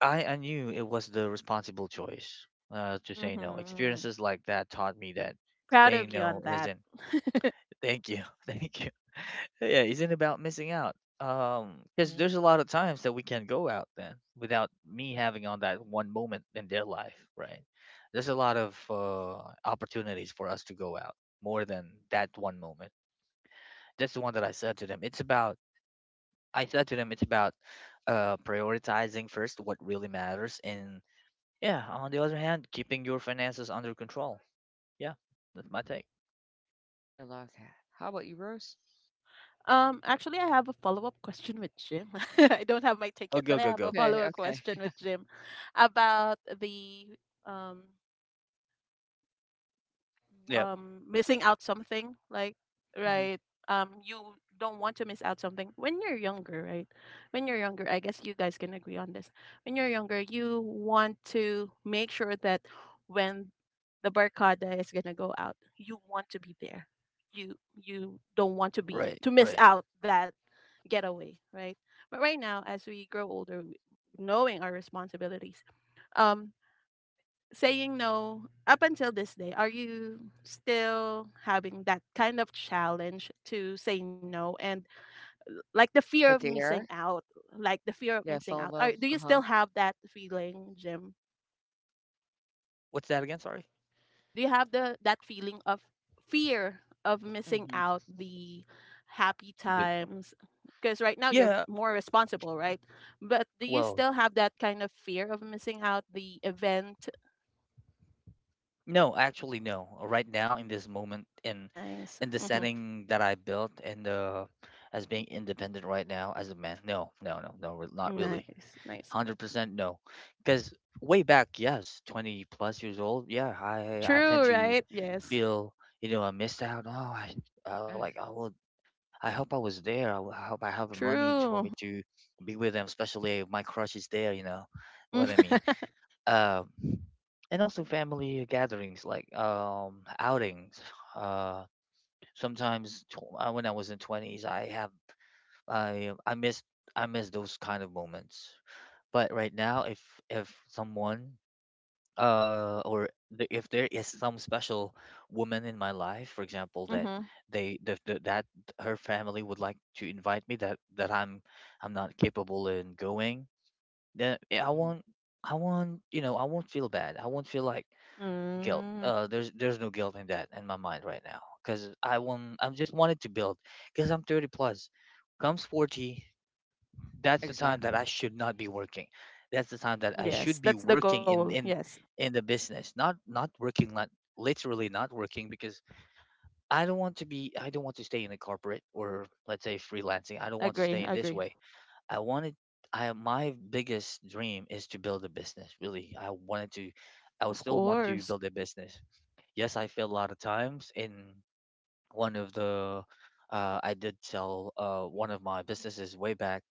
I knew it was the responsible choice to say
Mm-hmm.
no.
Mm-hmm.
Experiences like that taught me that
Proud
saying
of you on
no
that.
isn't, thank you, thank you. Yeah, isn't about missing out. Because
Hmm.
there's a lot of times that we can go out then without me having on that one moment in their life, right? There's a lot of opportunities for us to go out more than that one moment. That's the one that I said to them. It's about I said to them, it's about prioritizing first what really matters and, yeah, on the other hand, keeping your finances under control. Yeah, that's my take.
I love that. How about you, Rose?
Actually, I have a follow up question with Jim. I don't have my
Oh,
ticket, but
go,
I
go,
have a
go.
follow
Okay,
up
okay.
question with Jim about the um
Yeah.
missing out something, like,
Hmm.
right, you don't want to miss out something when you're younger, right? When you're younger, I guess you guys can agree on this. When you're younger, you want to make sure that when the barcada is going to go out, you want to be there. You don't want to be
Right,
to miss
right.
out that getaway, right? But right now, as we grow older, knowing our responsibilities, um saying no up until this day, are you still having that kind of challenge to say no and like the
Like
fear
a
of missing
dare.
out, like the fear of
Yeah,
missing out, are,
FOMO.
do you
Uh-huh.
still have that feeling, Jim?
What's that again? Sorry.
Do you have the that feeling of fear of missing
Hmm.
out the happy
The-
times, because right now you're
Yeah,
more responsible, right? But do you
well,
still have that kind of fear of missing out the event?
no, actually, no. Right now, in this moment, in
Nice.
in the
Hmm.
setting that I built, and the as being independent right now as a man, no, no, no, no, not really.
Nice, nice.
100% no. Because way back, yes, 20 plus years old, yeah, I
True,
tend to
right? Yes.
feel, you know, I missed out. Oh, I, I
Yeah.
like, I, well, I hope I was there. I hope I have the money to, for
True.
me to be with them, especially if my crush is there. You know what I mean.
Mm-hmm.
Um, and also family gatherings like outings. Uh, Sometimes tw when I was in twenties, I I miss I miss those kind of moments. But right now, if someone or if there is some special woman in my life for example that that her family would like to invite me, that I'm not capable in going, then yeah,
Hmm.
I won't, you know, I won't feel bad, I won't feel like guilt.
Mm.
There's no guilt in that in my mind right now because I won't, I'm just wanted to build because I'm 30 plus, comes 40, that's the time that
Exactly.
I should not be working. That's the time that I should
Yes,
be
that's the
working
goal.
in in
Yes.
in the business, not not working not literally not working because I don't want to stay in a corporate or let's say freelancing. I don't want to
Agree,
stay in
agree.
this way. I wanted I My biggest dream is to build a business. Really, I wanted to. I would
Of
still want to
course.
build a business. Yes, I failed a lot of times in one of the I did sell one of my businesses way back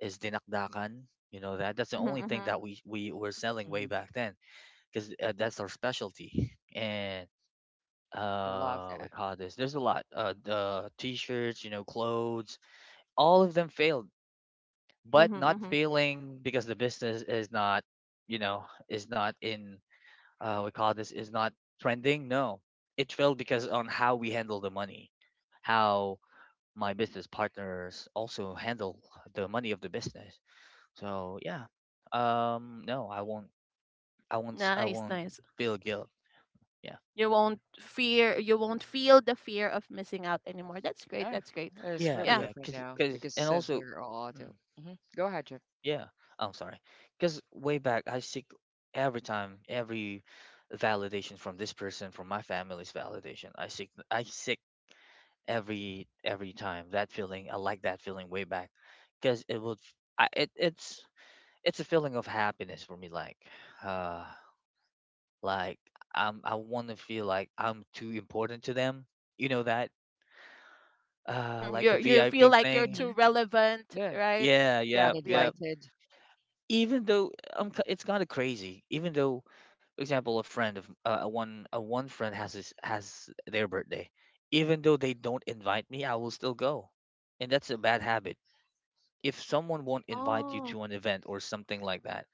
is dinakdakan. You know that that's the
Mm-hmm,
only
mm-hmm,
thing that we were selling way
Hmm.
back then because that's our specialty. And
I love
we
that.
call this. There's a lot. The t-shirts, you know, clothes. All of them failed,
mm-hmm,
but not
mm-hmm.
failing because the business is not, you know, is not in. We call this is not trending. No, it failed because on how we handle the money, how my business partners also handle the money of the business. So yeah, no, I
Nice,
won't
nice.
feel guilt. Yeah,
You won't feel the fear of missing out anymore. That's great.
Yeah,
That's great.
it's
yeah,
really
Yeah.
yeah.
different now because
And
since
also,
we're all
mm,
adult. Hmm. Go ahead, Jim.
yeah, I'm sorry. Cause way back, I seek every validation from this person, from my family's validation. I seek every time that feeling. I like that feeling way back, cause it would, it's. It's a feeling of happiness for me, like, uh, like I want to feel like I'm too important to them. You know that
Mm-hmm.
like
You
a
you feel
VIP
like you're
thing.
too
Hmm.
relevant,
Yeah.
right?
Yeah,
Yep,
yeah,
yep.
yeah.
Uninvited.
Even though it's kind of crazy. Even though for example a friend of a one friend has has their birthday. Even though they don't invite me, I will still go. And that's a bad habit. If someone won't invite you
Oh.
to an event or something like that,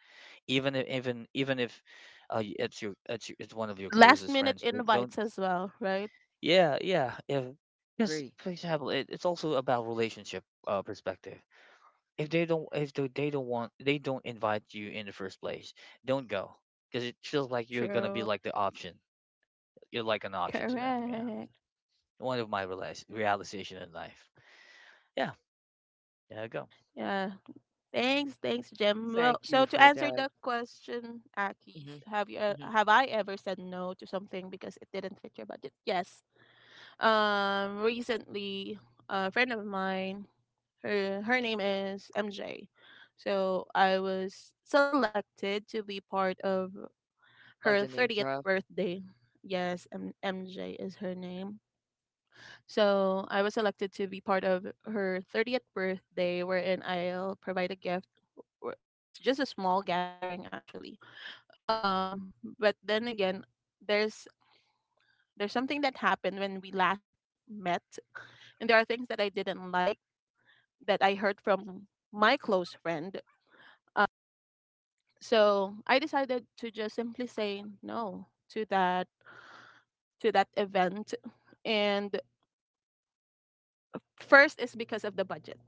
even if, even even if it's your it's one of your
And last
closest
minute
friends, don't, don't.
invites as well, right?
Yeah, yeah. If because
Agree.
for example, it, it's also about relationship perspective. If they don't want, they don't invite you in the first place, don't go, because it feels like you're gonna be
True.
like the option. You're like an option to them. Yeah,
Correct.
one of my realization in life. Yeah, there you go.
Yeah. Thanks, thanks, Jim. Well,
Thank
so
you
to
for
answer the
that.
question,
Hmm.
Akis,
Hmm.
have I ever said no to something because it didn't fit your budget? Yes. Recently, a friend of mine, her name is MJ, so I was selected to be part of
I
her
love the name
30th
drop.
birthday. Yes, MJ is her name. So I was selected to be part of her 30th birthday, wherein I'll provide a gift. It's just a small gathering, actually. um but then again, there's there's something that happened when we last met, and there are things that I didn't like that I heard from my close friend. So I decided to just simply say no to that, to that event. And first is because of the budget.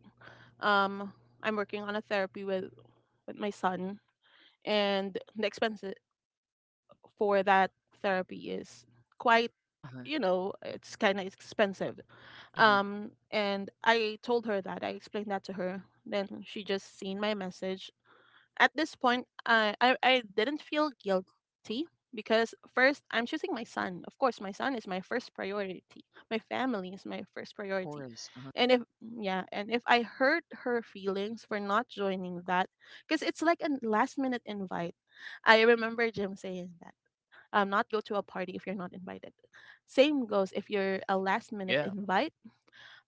um I'm working on a therapy with my son, and the expenses for that therapy is quite,
Uh-huh.
you know, it's kind of expensive.
Hmm.
And I told her that, I explained that to her, then she just seen my message. At this point, I didn't feel guilty, because first, I'm choosing my son. Of course, my son is my first priority. My family is my first
Of
priority.
course. Uh-huh.
And if Yeah, and if I hurt her feelings for not joining that, because it's like a last minute invite. I remember Jim saying that, not go to a party if you're not invited. Same goes if you're a last minute
Yeah,
invite.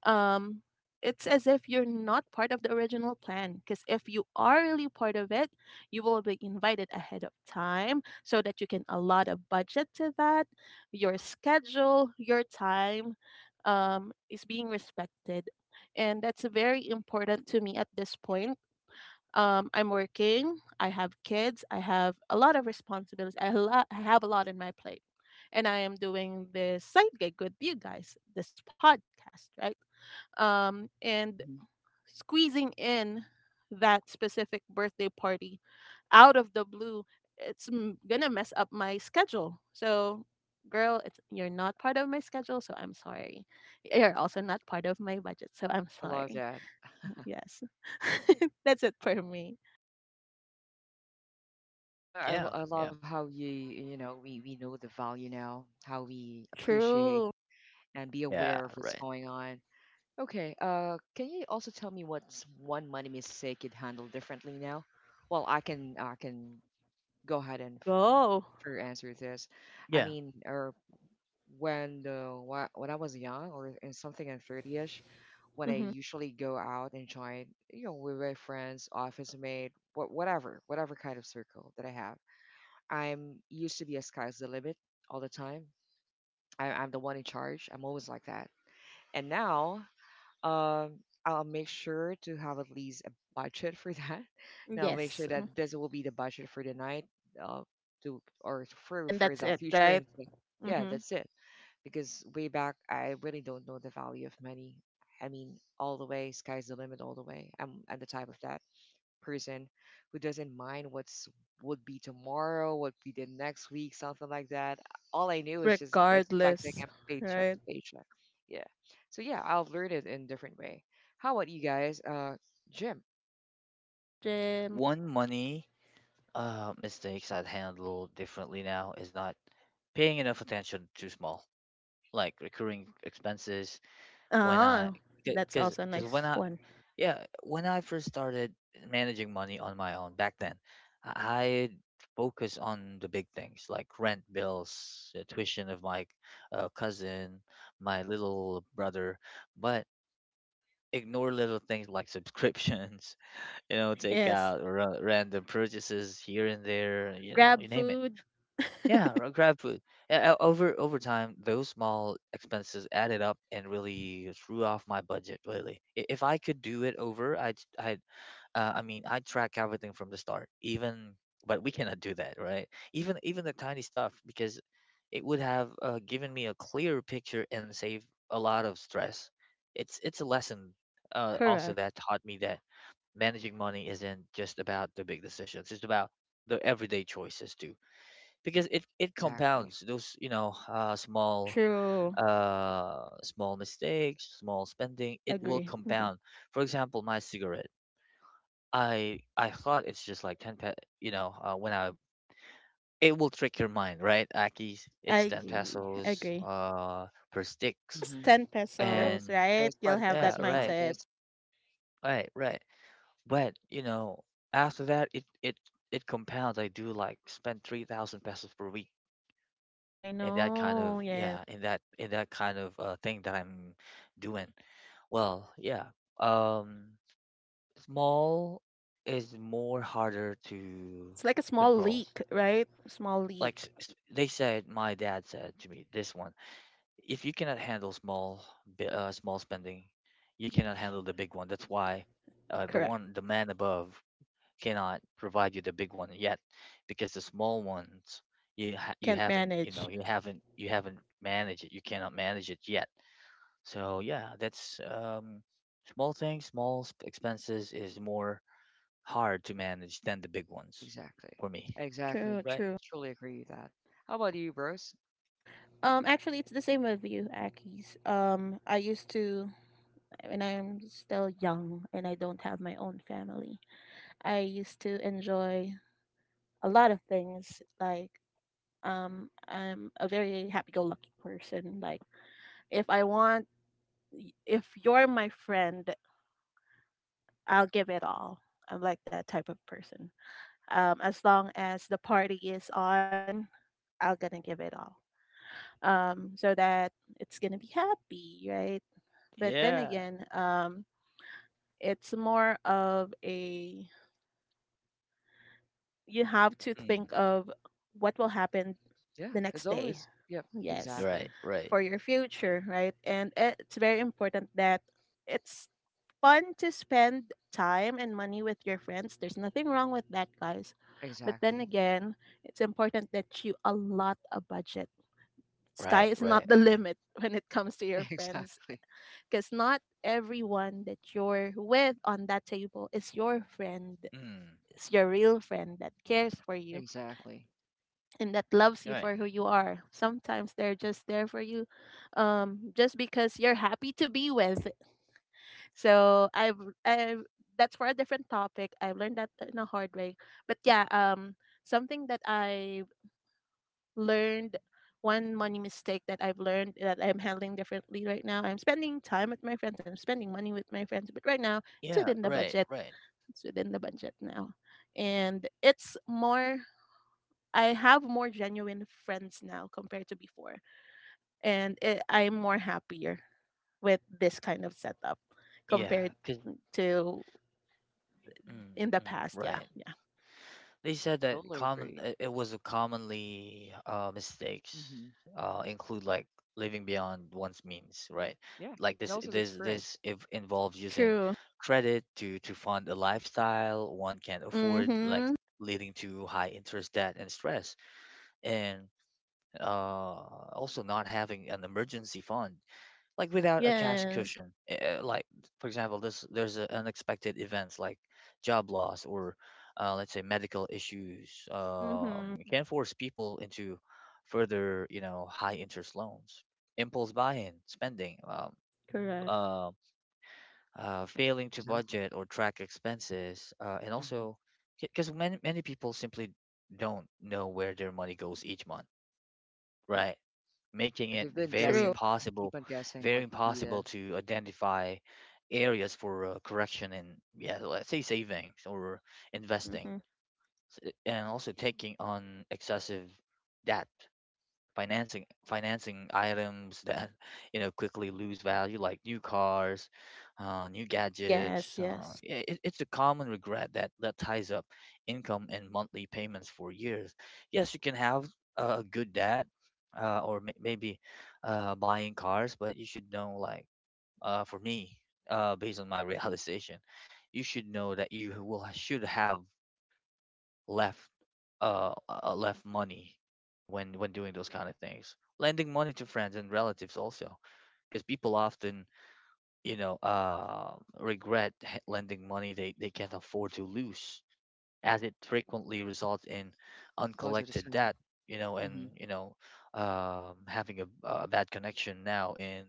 Um, it's as if you're not part of the original plan, because if you are really part of it, you will be invited ahead of time so that you can allot a budget to that. Your schedule, your time is being respected. And that's very important to me at this point. I'm working. I have kids. I have a lot of responsibilities. I have a lot in my plate. And I am doing this side gig with you guys, this podcast, right? And
Hmm.
squeezing in that specific birthday party out of the blue, it's gonna mess up my schedule. So, girl, it's, you're not part of my schedule, so I'm sorry. You're also not part of my budget, so I'm
I love
sorry.
that.
Yes, that's it for me.
Well, I, I lo-
yeah,
I
yeah,
love how you, we know the value now, how we appreciate
True.
and be
yeah.
aware of what's
Right.
going on. Okay, can you also tell me what's one money mistake you'd handle differently now? Well, I can go ahead and
Go.
for answer this. I
Yeah.
mean, or when I was young or in something in 30ish, when I
Hmm.
usually go out and join, you know, with my friends, office mate, whatever kind of circle that I have. I'm used to be a sky's the limit all the time. I'm the one in charge. I'm always like that. And now, um, I'll make sure to have at least a budget for that. Now, make sure
Yes.
that this will be the budget for the night, uh, to or
And
for
then
for
that's
the
it,
future
right?
and think, yeah,
Hmm.
that's it because way back I really don't know the value of money. I mean, all the way, sky's the limit all the way. I'm the type of that person who doesn't mind what's would be tomorrow, what be the next week, something like that. All I knew is just expecting
Regardless,
a paycheck
right?
to paycheck. Yeah. So yeah, I've learned it in different way. How about you guys? Uh, gym.
Go, Jim.
One money mistakes I'd handle differently now is not paying enough attention to small like recurring expenses when I,
Ah, that's
because
also a
because when
nice
I,
one.
yeah, when I first started managing money on my own back then, I focus on the big things like rent, bills, tuition of my cousin, my little brother, but ignore little things like subscriptions, you know, take
Yes.
out random purchases here and there, you know, you
Grab
name it.
food.
Yeah, or grab food. Over time, those small expenses added up and really threw off my budget. Really, if I could do it over, I'd, I'd track everything from the start. Even, but we cannot do that, right? Even the tiny stuff, because it would have given me a clearer picture and save a lot of stress. It's a lesson also
Correct.
that taught me that managing money isn't just about the big decisions. It's about the everyday choices too, because it
Exactly.
compounds those, you know, small
True.
small mistakes, small spending, it will
Agree. Hmm.
compound. For example, my cigarette, I thought it's just like 10 you know, when I, it will trick your mind, right, Aki? It's 10
I
pesos
agree.
per
It's
sticks.
just
Hmm.
10
Yep.
pesos,
And
right?
It's quite
You'll have
yeah,
that
expensive
right,
mindset.
nowadays.
right, right. But you know, after that, it it compounds. I do like spend 3,000 pesos per week
I
in that kind of,
know. Yeah.
yeah, in that kind of thing that I'm doing. Well, yeah, um small is more harder to
It's like a small
control,
leak, right? Small
like
leak.
they said, my dad said to me this one, if you cannot handle small, small spending, you cannot handle the big one. That's why the
Correct.
one, the man above, cannot provide you the big one yet, because the small ones,
You
you
can't
haven't, you
manage.
know, you haven't managed it, you cannot manage it yet. So yeah, that's small things, small expenses is more hard to manage than the big ones,
Exactly.
for me.
True,
Exactly.
Right.
true.
Truly agree with that. How about you, bros?
Actually, it's the same with you, Akis. I used to, when I'm still young and I don't have my own family, I used to enjoy a lot of things. Like, I'm a very happy-go-lucky person. Like, if I want, if you're my friend, I'll give it all. I'm like that type of person. As long as the party is on, I'm gonna give it all. So that it's gonna be happy, right? But then
Yeah.
again, it's more of a, you have to think
Mm.
of what will happen
Yeah,
the
it's
next day.
always, yep,
Yes,
Right,
exactly,
right,
for your future, right? And it's very important that it's fun to spend time and money with your friends. There's nothing wrong with that, guys. But then
exactly,
again, it's important that you allot a budget. Sky
right,
is not
right,
the
right.
limit when it comes to your friends,
exactly,
because not everyone that you're with on that table
Mm.
is your real friend that cares for you
exactly.
and that loves you
Right.
for who you are. Sometimes they're just there for you, just because you're happy to be with. So I've, that's for a different topic, I've learned that in a hard way. But yeah, something that I learned, one money mistake that I've learned that I'm handling differently right now. I'm spending time with my friends. I'm spending money with my friends, but right now it's
Yeah,
within the
right,
budget.
right,
It's within the budget now, and it's more. I have more genuine friends now compared to before, and I'm more happier with this kind of setup
yeah,
compared
cuz
to
mm,
in the
mm,
past. Yeah,
right.
yeah,
They said that
Totally
common,
agree.
it was a commonly
Hmm.
mistakes include like living beyond one's means, right?
Yeah, and
Like
also
this
the
this
experience.
this if involves using
true.
credit to fund a lifestyle one can't afford, like
Mhm.
leading to high interest debt and stress, and uh, also not having an emergency fund like without a cash
Yes.
cushion like for example this there's unexpected events like job loss or let's say medical issues,
Mhm.
it can force people into further you know high interest loans impulse buying spending
Correct.
uh, failing to
Exactly.
budget or track expenses and
Hmm.
also because many people simply don't know where their money goes each month, right, making
Yeah,
it
they've been guessing,
True.
keep on guessing
very
what would be the
impossible to identify areas for correction and yeah, let's say savings or investing.
Mhm.
And also taking on excessive debt, financing items that you know quickly lose value like new cars, new gadgets.
Yes,
uh,
yes.
yeah, it, it's a common regret that ties up income and monthly payments for years. Yes, you can have a good debt, or maybe buying cars, but you should know like, for me, based on my realization, you should know that you will should have left left money when doing those kind of things. Lending money to friends and relatives also, because people often you know regret lending money they can't afford to lose, as it frequently results in
most of the
uncollected
time.
debt, you know.
Hmm.
And you know, having a bad connection now in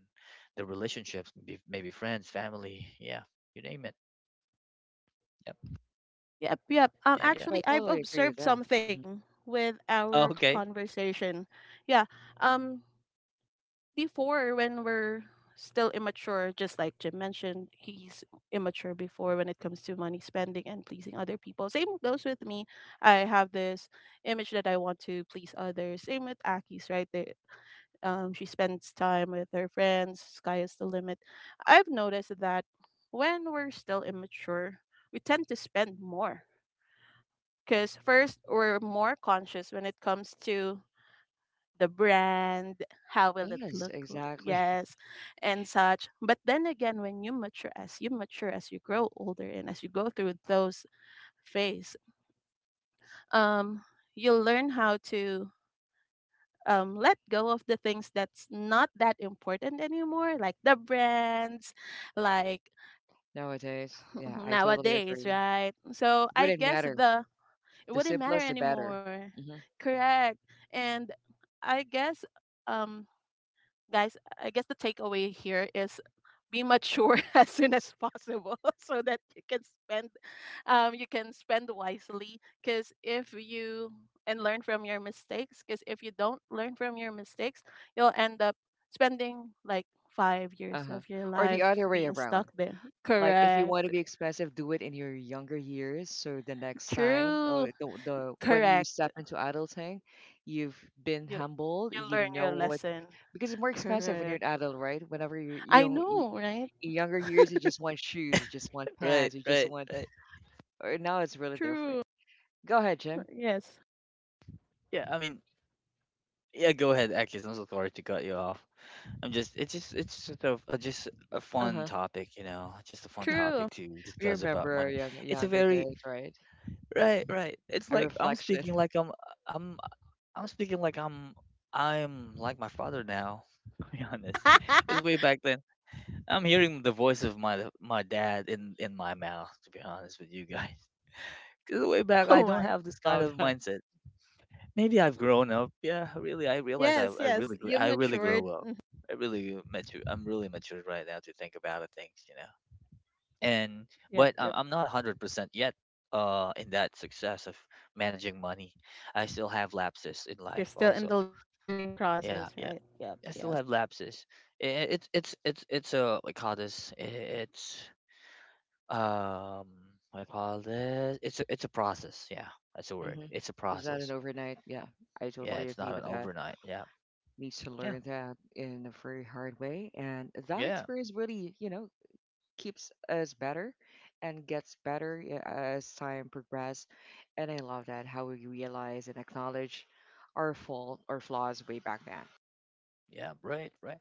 the relationships, maybe friends, family, yeah, you name it. Yep.
Yep, yep.
And
Yeah,
yeah.
but I
Actually, I've
totally agree with
observed
that. Hmm.
something with our
Oh, okay.
conversation. Yeah. Um Before, when we're still immature, just like Jim mentioned, he's immature before when it comes to money spending and pleasing other people. Same goes with me. I have this image that I want to please others. Same with Aki's, right? There she spends time with her friends. Sky is the limit. I've noticed that when we're still immature, we tend to spend more, because first we're more conscious when it comes to the brand, how will it
Yes,
look,
exactly.
yes, and such. But then again, when you mature, as you mature, as you grow older, and as you go through those phase, um, you learn how to let go of the things that's not that important anymore, like the brands, like
Nowadays, yeah, I totally
nowadays,
agree.
right? So I
Wouldn't
guess
matter.
the it
The
wouldn't matter
simplest, the better.
anymore.
Hmm.
Correct. And I guess, um guys, I guess the takeaway here is be mature as soon as possible so that you can spend, you can spend wisely, because if you, and learn from your mistakes, because if you don't learn from your mistakes, you'll end up spending like 5 years
Uh-huh.
of your
Or the
life
other way
being
around.
stuck there.
Like if you want to
Correct.
be expensive, do it in your younger years. So the next time,
True.
the when you
Correct.
step into adulting, you've been
you
humbled.
you
You
learn
know
your
what,
lesson.
because it's more expensive when you're an
Correct.
adult, right? Whenever you are
I
young, y-
know, right?
in younger years, you just want shoes, you just want
Right,
pants, you just
right,
want.
right.
Or now it's really different.
True.
Go ahead, Jim.
Yes.
Yeah, I mean. Yeah, go ahead. Actually, I'm so sorry to cut you off. I'm just it's just it's just a just a
Uh
fun
huh.
topic, you know, just a fun
True.
topic to
We
discuss
remember
about
our
money.
young,
It's a
younger
very
days, right?
Right, right. It's
Our
like
reflection.
I'm I'm speaking like I'm like my father now. To be honest, it's way back then. I'm hearing the voice of my dad in my mouth. To be honest with you guys, because way back I
Oh
don't
my.
have this
I
kind
love
of
that.
mindset. Maybe I've grown up. Yeah, really, I realize
Yes, yes. You
I really grew
matured.
up.
Mhm.
I really mature. I'm really mature right now to think about the things, you know. And
Yep,
but
yep.
I'm not 100% yet. In that success of managing money, I still have lapses in
You're
life.
still in
Also,
the learning process, right?
yeah, yeah,
Yep, yes.
I still have lapses. It's a, what I call this. It's um what I call this. It's a process. Yeah, that's a word.
Mm-hmm.
It's a
Is that an
process.
overnight? Yeah, I
Yeah,
totally
it's
agree
not an
with that.
overnight. Yeah,
Needs to learn
yeah.
that in a very hard way. And that
Yeah,
experience really, you know, keeps us better and gets better, yeah, as time progresses. And I love that how we realize and acknowledge our fault or flaws way back then.
Yeah, right, right.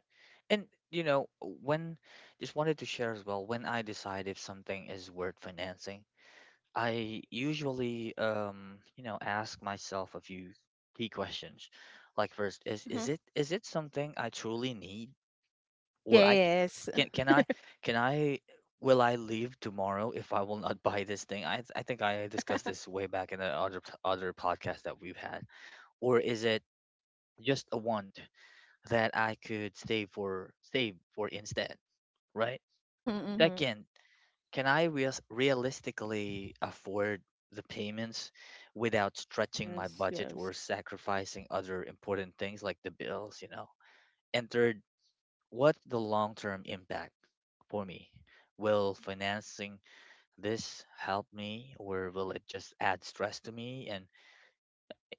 And you know, when, just wanted to share as well, when I decide if something is worth financing, I usually you know, ask myself a few key questions. Like first, is
Mm-hmm.
is it is it something I truly need, or I c-
Yes.
can I can I, will I leave tomorrow if I will not buy this thing? I think I discussed this way back in the other podcast that we've had. Or is it just a want that I could save for instead, right?
Mm-hmm, mm-hmm.
Second, can I reas realistically afford the payments without stretching my
Yes,
budget or
yes.
sacrificing other important things like the bills, you know? And third, what the long-term impact for me? Will financing this help me, or will it just add stress to me? And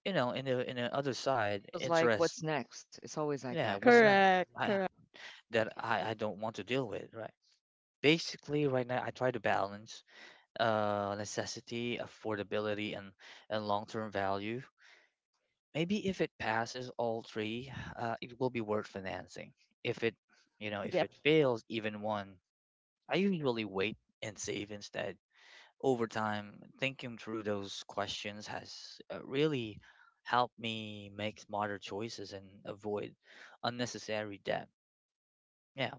you know, in the other side,
Feels like
interest,
what's next. It's always like that,
yeah, what's
right?
that?
Correct,
I,
correct.
that I don't want to deal with, right? Basically right now I try to balance necessity, affordability, and long-term value. Maybe if it passes all three, it will be worth financing. If it, you know, if
Yep.
it fails even one, I usually wait and save instead. Over time, thinking through those questions has really helped me make smarter choices and avoid unnecessary debt. Yeah,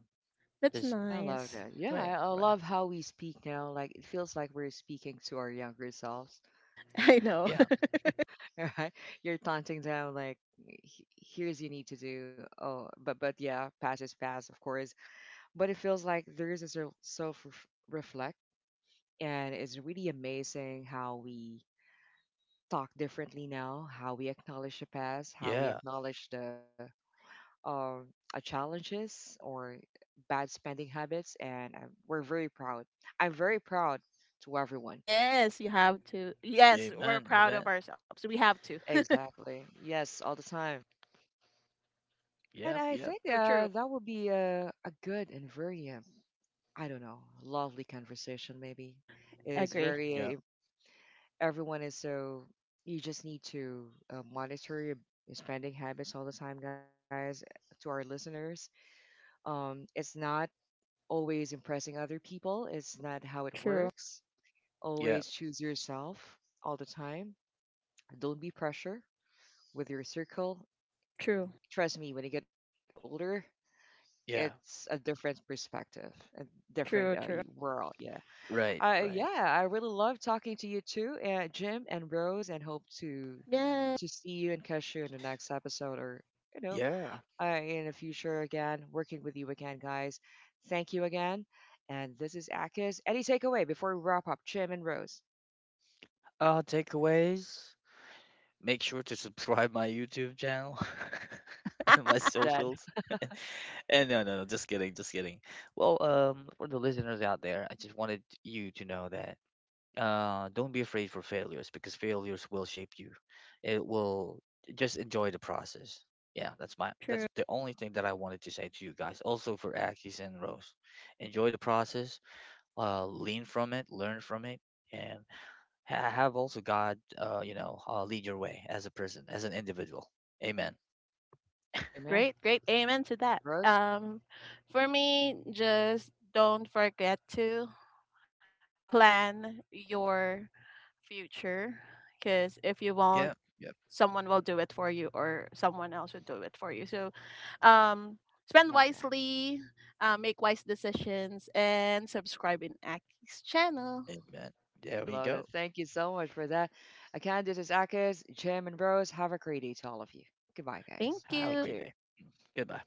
That's
just
I love
nice.
that. Yeah, I
right,
I
right.
love how we speak now. Like it feels like we're speaking to our younger selves.
I know.
Yeah,
Right? You're taunting them like, "H- here's you need to do. Oh, but yeah, past is past, of course. But it feels like there is a reflect, and it's really amazing how we talk differently now, how we acknowledge the past, how we
yeah,
acknowledge the um, challenges or bad spending habits, and we're very proud. I'm very proud to everyone.
Yes, you have to. Yes, we're
amen,
proud
amen.
of ourselves. We have to.
Exactly. Yes, all the time. And
Yep,
I
yep,
think
True, true.
that would be a good and very, I don't know, lovely conversation, maybe. It is
Agree.
yep,
very, everyone is so, you just need to monitor your spending habits all the time, guys, to our listeners. It's not always impressing other people, it's not how it
True,
works.
yep,
Always choose yourself all the time. Don't be pressure with your circle.
true,
Trust me, when you get older, it's
yeah.
a different perspective and different
true,
y-
true.
world. Yeah.
Right, right.
Yeah, I really love talking to you too, Jim and Rose, and hope
Yeah,
to see you and catch you in the next episode or you know
Yeah.
in the future again, working with you again, guys. Thank you again. And this is Akis. Any takeaway before we wrap up, Jim and Rose?
Takeaways. Make sure to subscribe my YouTube channel and
I
my
love that.
socials. And no, no, no, just kidding, just kidding. Well, for the listeners out there, I just wanted you to know that don't be afraid for failures because failures will shape you. It will, just enjoy the process. Yeah, that's my
true.
that's the only thing that I wanted to say to you guys. Also for Akis and Rose, enjoy the process, lean from it, learn from it, and have also God, you know, lead your way as a person, as an individual. Amen.
Amen.
Great, great. Amen to that.
Rose,
For me, just don't forget to plan your future, because if you won't,
Yeah. Yep.
someone will do it for you or someone else will do it for you. So, um,
I
spend
love that.
wisely, make wise decisions, and subscribe in Aki's channel.
Amen.
I
There we
love it.
go.
Thank you so much for that. Again, this is Akis, Jim, and Rose. Have a great day to all of you. Goodbye, guys.
Thank
Have a
you.
Thank
great
you.
day. Goodbye.